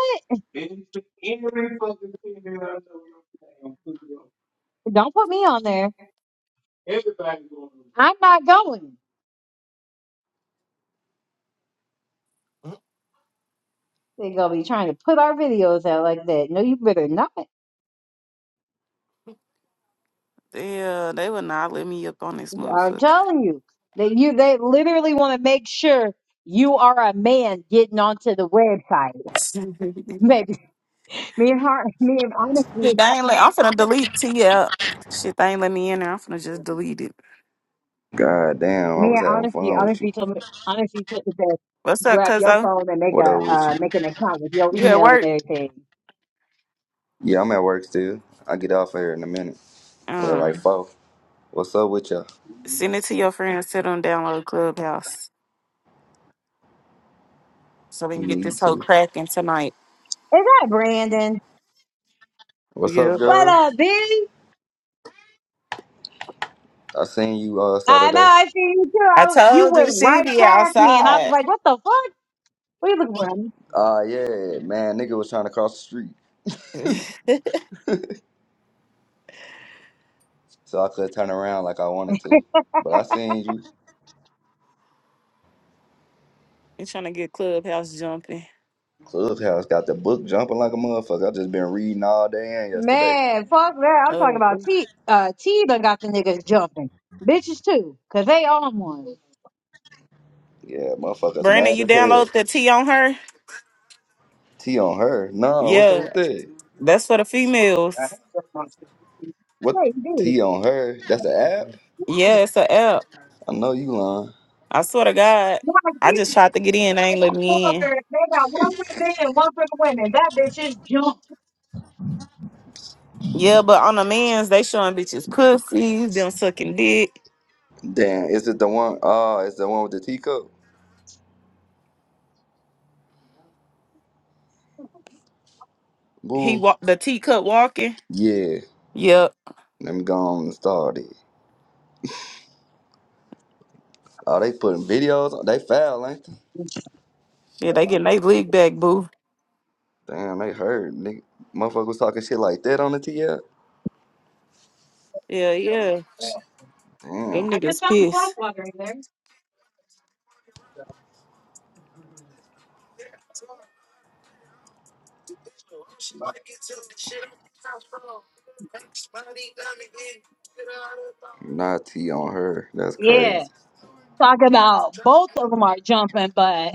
A: Bitch, every fucking thing that I know your name, put it on. Don't put me on there. Everybody going to I'm not going. They're gonna be trying to put our videos out like that. No, you better not.
B: Yeah, they would not let me up on this
A: I'm
B: motherfucker.
A: telling you. That you they literally want to make sure you are a man getting onto the website. Maybe me and her, me and honestly,
B: Shit, they ain't let, I'm finna delete T app. Shit, they ain't let me in there. I'm finna just delete it.
F: God damn, I
A: me
F: was
A: and
F: having
A: honestly,
F: fun with you.
A: honestly told me honestly took the best.
B: What's up,
A: Grab your
B: cuzzo?
A: phone and make
F: What
A: a
F: up with
A: uh,
F: you?
A: make an account with your
B: You at
A: email and
B: work?
A: everything.
F: Yeah, I'm at work still. I get off here in a minute. Well,
B: Um,
F: like four. What's up with y'all?
B: send it to your friends. Sit them download Clubhouse so we can
F: You
B: get
F: need
B: this whole
F: to.
B: cracking tonight.
A: Is that Brandon?
F: What's up,
B: Yep.
A: What
F: girl?
A: up, B?
F: I seen you uh
A: I know,
F: Saturday.
A: I see you too.
B: I
A: I, was- you
B: told
A: went
B: you she
A: right
B: be
A: past me, and I was
B: outside.
A: like, what the fuck? What you looking for?
F: Ah, yeah, man. Nigga was trying to cross the street,
B: you
F: so I could turn around like I wanted to. But I seen you.
B: trying to get Clubhouse jumping.
F: Clubhouse got the book jumping like a motherfucker. I just been reading all day and yesterday.
A: Man, fuck that. I'm talking
B: Uh,
A: about T. Uh, T done got the niggas jumping. Bitches too, because they on one.
F: Yeah, motherfuckers
B: Brandon,
F: mad
B: you
F: as hell.
B: download the T on her?
F: T on her. No, what's up
B: Yeah,
F: with that?
B: that's for the females.
F: What
A: Hey, B.
F: T on her? That's
A: Like,
F: the
A: these
F: app.
B: Yeah, it's a app.
F: I know you lying.
B: I swear to God, I just tried to get in. They ain't let me in.
A: motherfuckers, they got one for men and one for the women. That bitch is jumped.
B: Yeah, but on the men's, they showing bitches pussies, them sucking dick.
F: Damn, is it the one? Oh, it's the one with the teacup?
B: He
F: Boo.
B: walk the teacup walking.
F: Yeah,
B: Yep.
F: let me go on and start it. Oh, they putting videos. on- They foul, ain't they?
B: Yeah, they getting they league back, boo.
F: Damn, they heard. Nigga, motherfucker was talking shit like that on the T app.
B: Yeah, yeah. Them
F: Damn,
A: I just
B: niggas
A: found the flag
B: pissed.
A: water in there.
F: not T on her. That's
A: Yeah.
F: crazy.
A: talking about both of them are jumping, but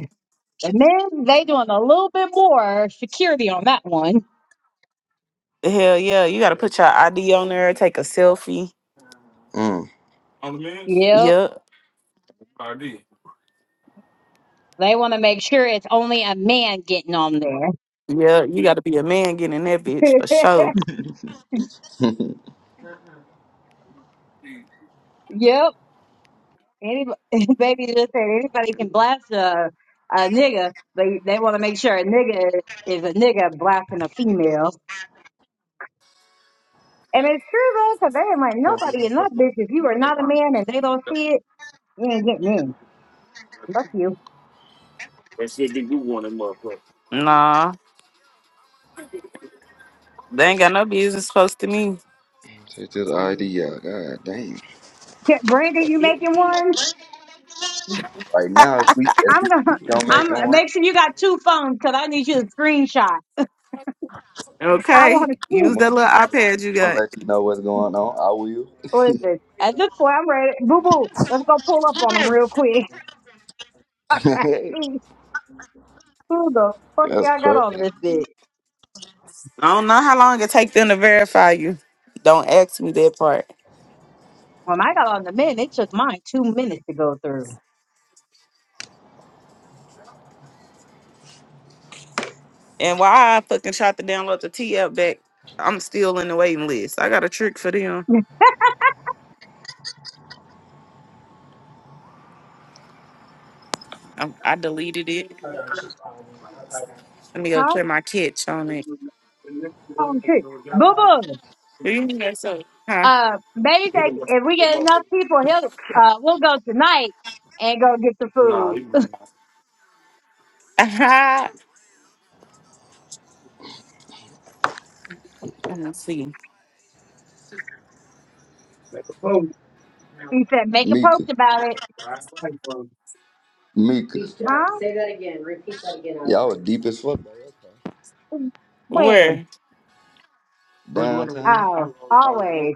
A: And then they doing a little bit more security on that one.
B: Hell yeah. You gotta put your ID on there, take a selfie.
F: Mm.
A: Yep.
B: Yep.
A: They want to make sure it's only a man getting on there.
B: Yeah, you gotta be a man getting in that bitch for sure.
A: yep. Any baby just said anybody can blast a, a nigga, but they want to make sure a nigga is a nigga blasting a female. And it's true though, 'cause they ain't like nobody in that bitch. If you are not a man and they don't see it, you ain't getting in. Fuck you.
B: Nah. They ain't got no business close to me.
F: Take this ID out. God damn.
A: Yeah, Brandon, you making one?
F: Right now, as we as
A: I'm
F: we
A: gonna.
F: speak, I'm making
A: I'm
F: one.
A: make sure you got two phones 'cause I need you to screenshot. I
B: Okay.
A: want to see.
B: Use that little
F: I'm
B: iPad you
F: gonna
B: got.
F: let you know what's going on. I will.
A: Listen, at this point, I'm ready. Boo boo, let's go pull up on them real quick. Who the fuck
F: That's
A: y'all got on
F: crazy.
A: this bitch?
B: I don't know how long it take them to verify you. Don't ask me that part.
A: When I got on the men, it took mine two minutes to go through.
B: And why I fucking tried to download the T app back, I'm still in the waiting list. I got a trick for them. I, I deleted it. Let me go
A: Huh?
B: clear my catch on it.
A: Oh shit, boo boo.
B: Leave me that soda. Huh?
A: Uh, maybe if if we get enough people, he'll uh, we'll go tonight and go get the food.
B: I'm gonna see.
A: He said, make a
F: Mika.
A: post about it. Huh?
F: Mika. Y'all were breaking deep as fuck by your car.
A: When?
B: Where?
F: downtown.
A: Oh, always.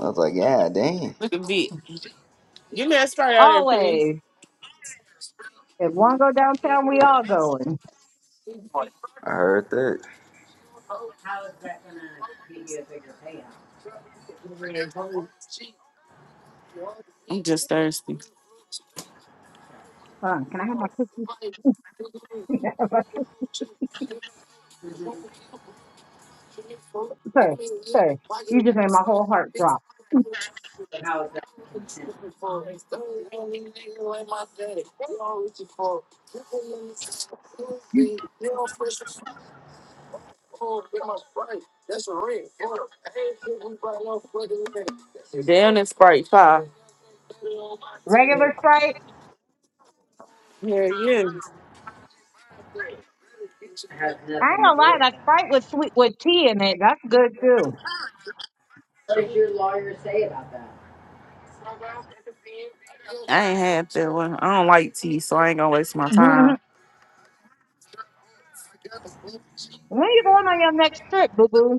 F: I was like, yeah, damn.
B: Look at Vic. Give me that sprite out there, Penny.
A: Always. If one go downtown, we all going.
F: I heard that.
B: I'm just thirsty.
A: Hold on, can I have my cookies? sir, sir, you just made my whole heart drop.
B: Damn, that sprite five.
A: Regular Sprite?
B: Yeah, yeah.
A: I ain't gonna lie, that Sprite with sweet with tea in it, that's good too.
B: I ain't had that one. I don't like tea, so I ain't gonna waste my
A: Mhm.
B: time.
A: when you going on your next trip, boo boo?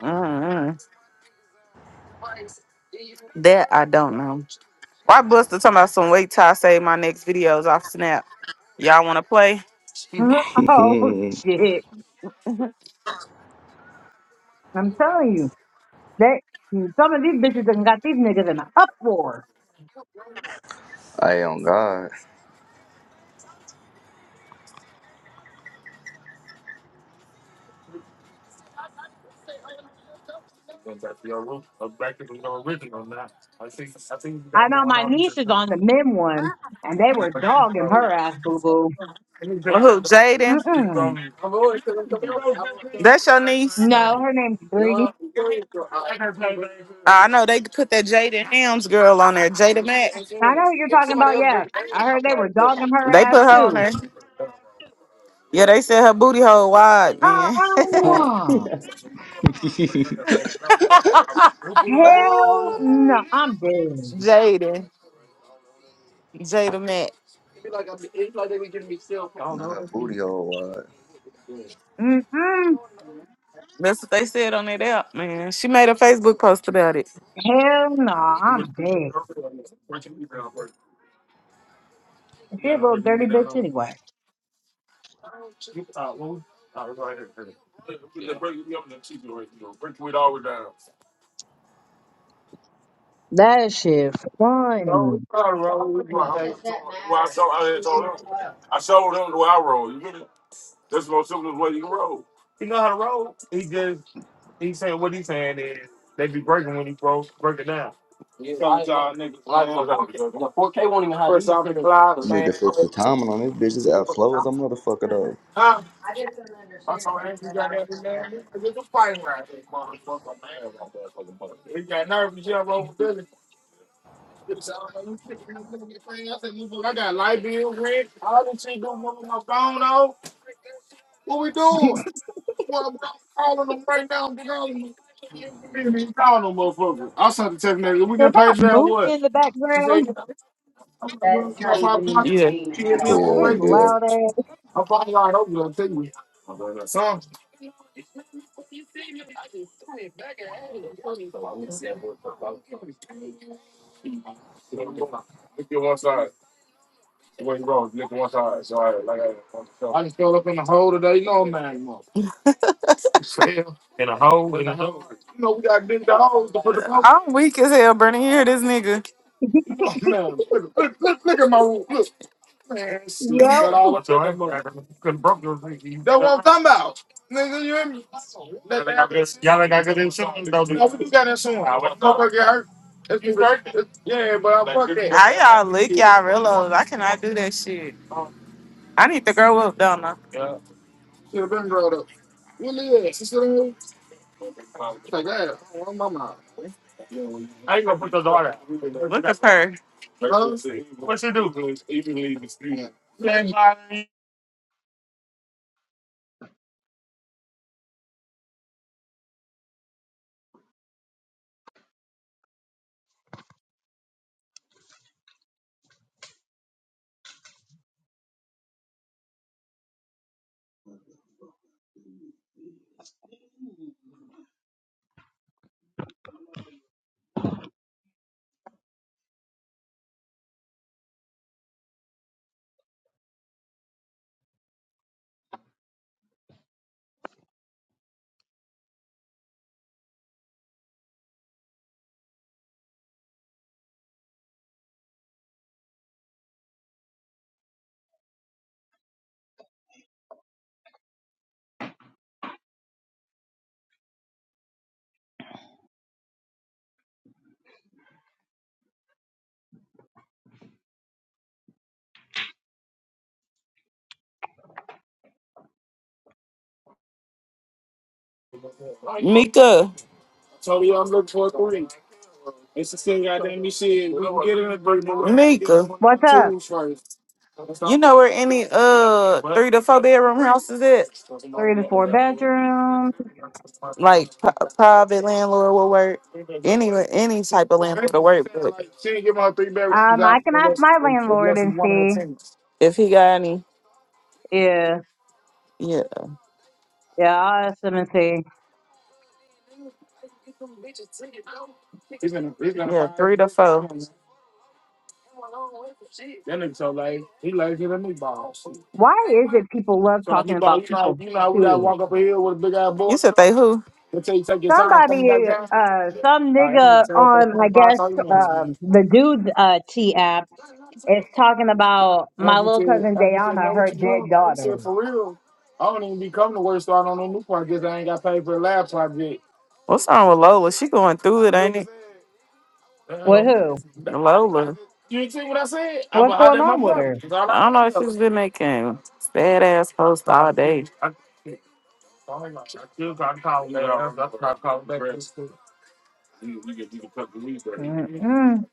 B: Mm-mm. That I don't know. Why Buster talking about some wait till I save my next videos off Snap? Y'all want to play?
A: Mhm. oh shit! I'm telling you, that some of these bitches done got these niggas in an uproar.
F: I am God.
A: I know my niece is on the men one, and they were dogging her ass, boo boo.
B: Well, who? Jaden?
A: Mm-mm.
B: That's your niece.
A: No, her name's Bree.
B: I know they put that Jada Hams girl on there, Jada Mack.
A: I know who you're talking about. Yeah, I heard they were dogging
B: They
A: her ass
B: put her on
A: too.
B: there. Yeah, they said her booty hole wide, man.
A: Uh-uh. Hell
F: Ah.
A: no, I'm dead.
B: Jada, Jada Mack.
F: nah, booty hole wide.
A: Mm-mm.
B: That's what they said on that app, man. She made a Facebook post about it.
A: Hell no, I'm dead. She a little dirty bitch anyway. That shit funny.
F: I need to fix the timing on this bitch. This app slow as a motherfucker though.
B: Also, Andrew got every man. It's just a fighting right this motherfucker, man. He got nervous. He got roll with Billy. So, I don't know, you kicking this nigga get paid. I said, "Motherfucker, I got light bill, rent, all this shit going on with my phone off. What we doing? Well, I'm calling them right now. I'm calling them. I ain't not even call no motherfucker. I sent the text message. We getting
A: Is
B: paid
A: that
B: for that or
A: Mook
B: what?
A: in the
B: She said,
A: background?
B: you I'm like, well, it's about five o'clock. Yeah. You hit me up on
F: all.
A: It's
F: Hell
B: Facebook.
A: loud ass.
B: I'm finally out over there. Take me. I just fell up in the hole today. No man, You know, we got big dogs to put the power. I'm weak as hell, Bernie. Here, this nigga. You know, man, look, look, look, look at my room. Look, man, slept that
A: yep.
B: all Come out. Nigga, you hear me? That got that soon. Look at her. It's you hurt? It's- Yeah, but I'm dead. How y'all lick y'all reload? I cannot do that shit. I need to grow up, don't I? Look at her. Mika. I told you I'm looking for a three. It's the same goddamn shit. We can get in a break, but we gotta get Mika, him one
A: What's
B: of the
A: up?
B: tools first. you know where any uh three to four bedroom houses at?
A: Three to four bedrooms.
B: Like p- private landlord will work. Any any type of Well, landlord will work. But Like, she ain't give my three bedrooms
A: Um, I
B: out
A: can ask
B: unless
A: my landlord
B: unless he's
A: and
B: one of her
A: see.
B: tenants. if he got any,
A: Yeah.
B: yeah,
A: Yeah, I'll ask him and see.
B: He's gonna he's gonna yeah, find three to four. bedrooms. That nigga so like he like hit a new ball.
A: Why is it people love
B: So like,
A: talking about
B: nigga, you know,
A: people's
B: you know, how we gotta
A: kids?
B: walk up a hill with a big ass You board. said they who? Until you take your time coming back
A: Somebody,
B: down.
A: uh, some
B: All right, that
A: nigga
B: nigga tell that
A: on, I
B: 25,
A: guess,
B: 30 minutes, man.
A: um, the dude's, uh, T app is talking about my
B: Andrew
A: little
B: said,
A: cousin
B: Andrew said,
A: Dayana,
B: man, what
A: her
B: you doing,
A: dead
B: man? He
A: daughter.
B: said, for real, I don't even be coming to work starting on no new project. I ain't got paid for the lab project. What's wrong with Lola? She going through it, ain't it?
A: With
B: Damn.
A: who?
B: That- Lola. You didn't see what I said? I been
A: What's
B: hollering
A: going
B: at my
A: on with
B: brother.
A: her?
B: That's all I I don't can know if tell she's been making bad ass posts all day. him. I, I, I still got to call. call.
A: Mm-mm.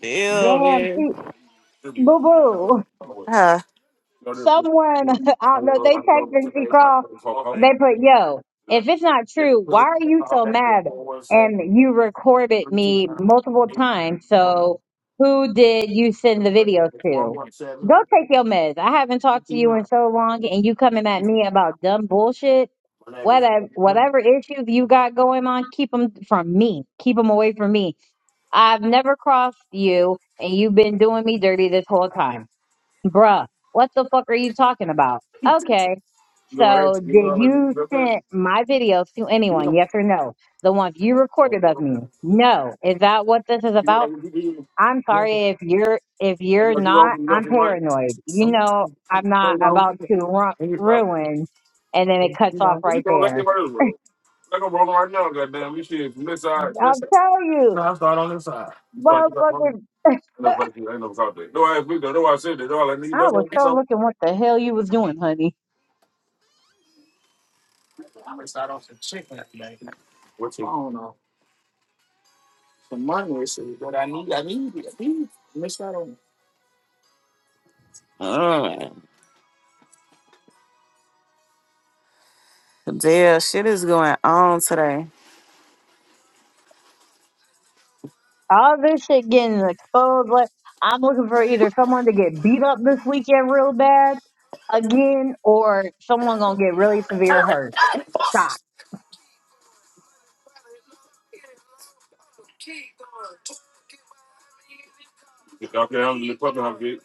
B: Damn,
A: Damn,
B: man.
A: she, boo boo.
B: Huh.
A: someone I don't know, they texted T Crawl, they put, yo, if it's not true, why are you so mad? And you recorded me multiple times, so who did you send the video to? Go take your meds. I haven't talked to you in so long and you coming at me about dumb bullshit. Whatever, whatever issues you got going on, keep them from me. Keep them away from me. I've never crossed you, and you've been doing me dirty this whole time bruh, what the fuck are you talking about? Okay. So did you send my videos to anyone? Yes or no? The ones you recorded of me? No. Is that what this is about? I'm
B: No,
A: sorry if you're if you're not, I'm paranoid. You know I'm not about to ru- ruin and then it cuts off right there. I'll tell you,
B: I'll start on this side.
A: motherfucker, I was so looking what the hell you was doing, honey.
B: I'm gonna start on some chicken today. I don't know. Some money receipt, but I need, I need, I need. Let me start on. Alright. Damn, shit is going on today.
A: All this shit getting exposed. Like, I'm looking for either someone to get beat up this weekend real bad again, or someone gonna get really severe hurt. Stop.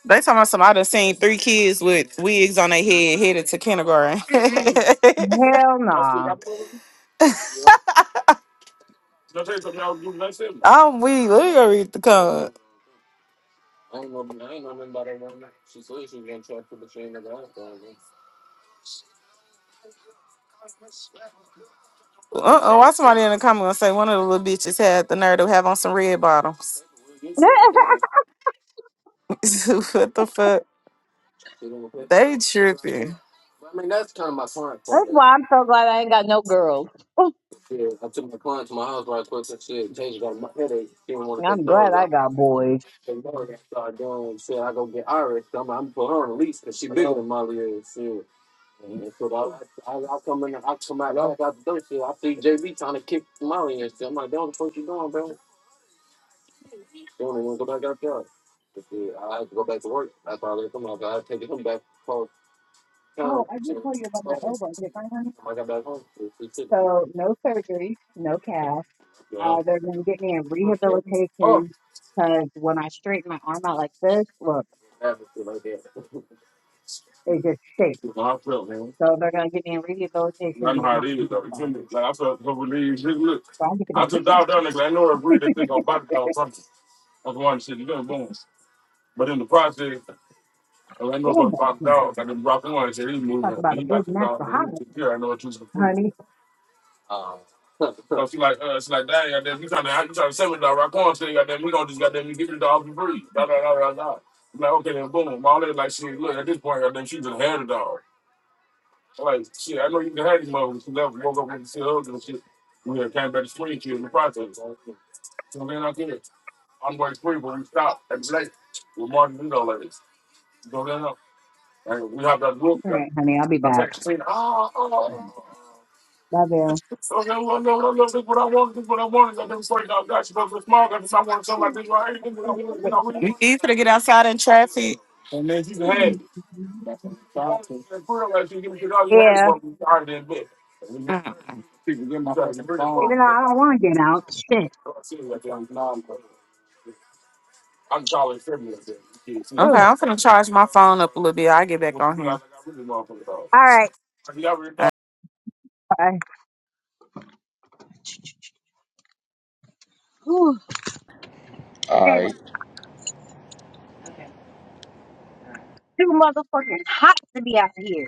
B: They talking about some. I done seen three kids with wigs on their head headed to kindergarten. Mm-mm.
A: Hell nah.
B: I'm weak. Let me go read the comment. Uh oh, why somebody in the comment gonna say one of the little bitches had the nerve to have on some red bottoms? what the fuck? They tripping.
A: That's why I'm so glad I ain't got no girls. I'm glad I got boys. Oh, I did tell you about my elbow, didn't I, honey? So no surgery, no cast. Uh, they're gonna get me in rehabilitation because when I straighten my arm out like this, look, it just shakes. So they're gonna get me in rehabilitation to get my fingers off. So I get to go to rehab. Damn that. You know, talk about a good natural holiday, honey. All right, honey, I'll be back. Love you.
B: Easy to get outside in traffic.
A: Yeah,
B: Mm.
A: even though I don't want to get out. Shit.
B: Okay,
A: Ooh.
B: I'm finna charge my phone up a little bit. i get back on
A: All right.
B: here.
A: Bye. Ooh,
F: yeah.
A: and it's
F: Alright.
A: too motherfucking hot to be out here.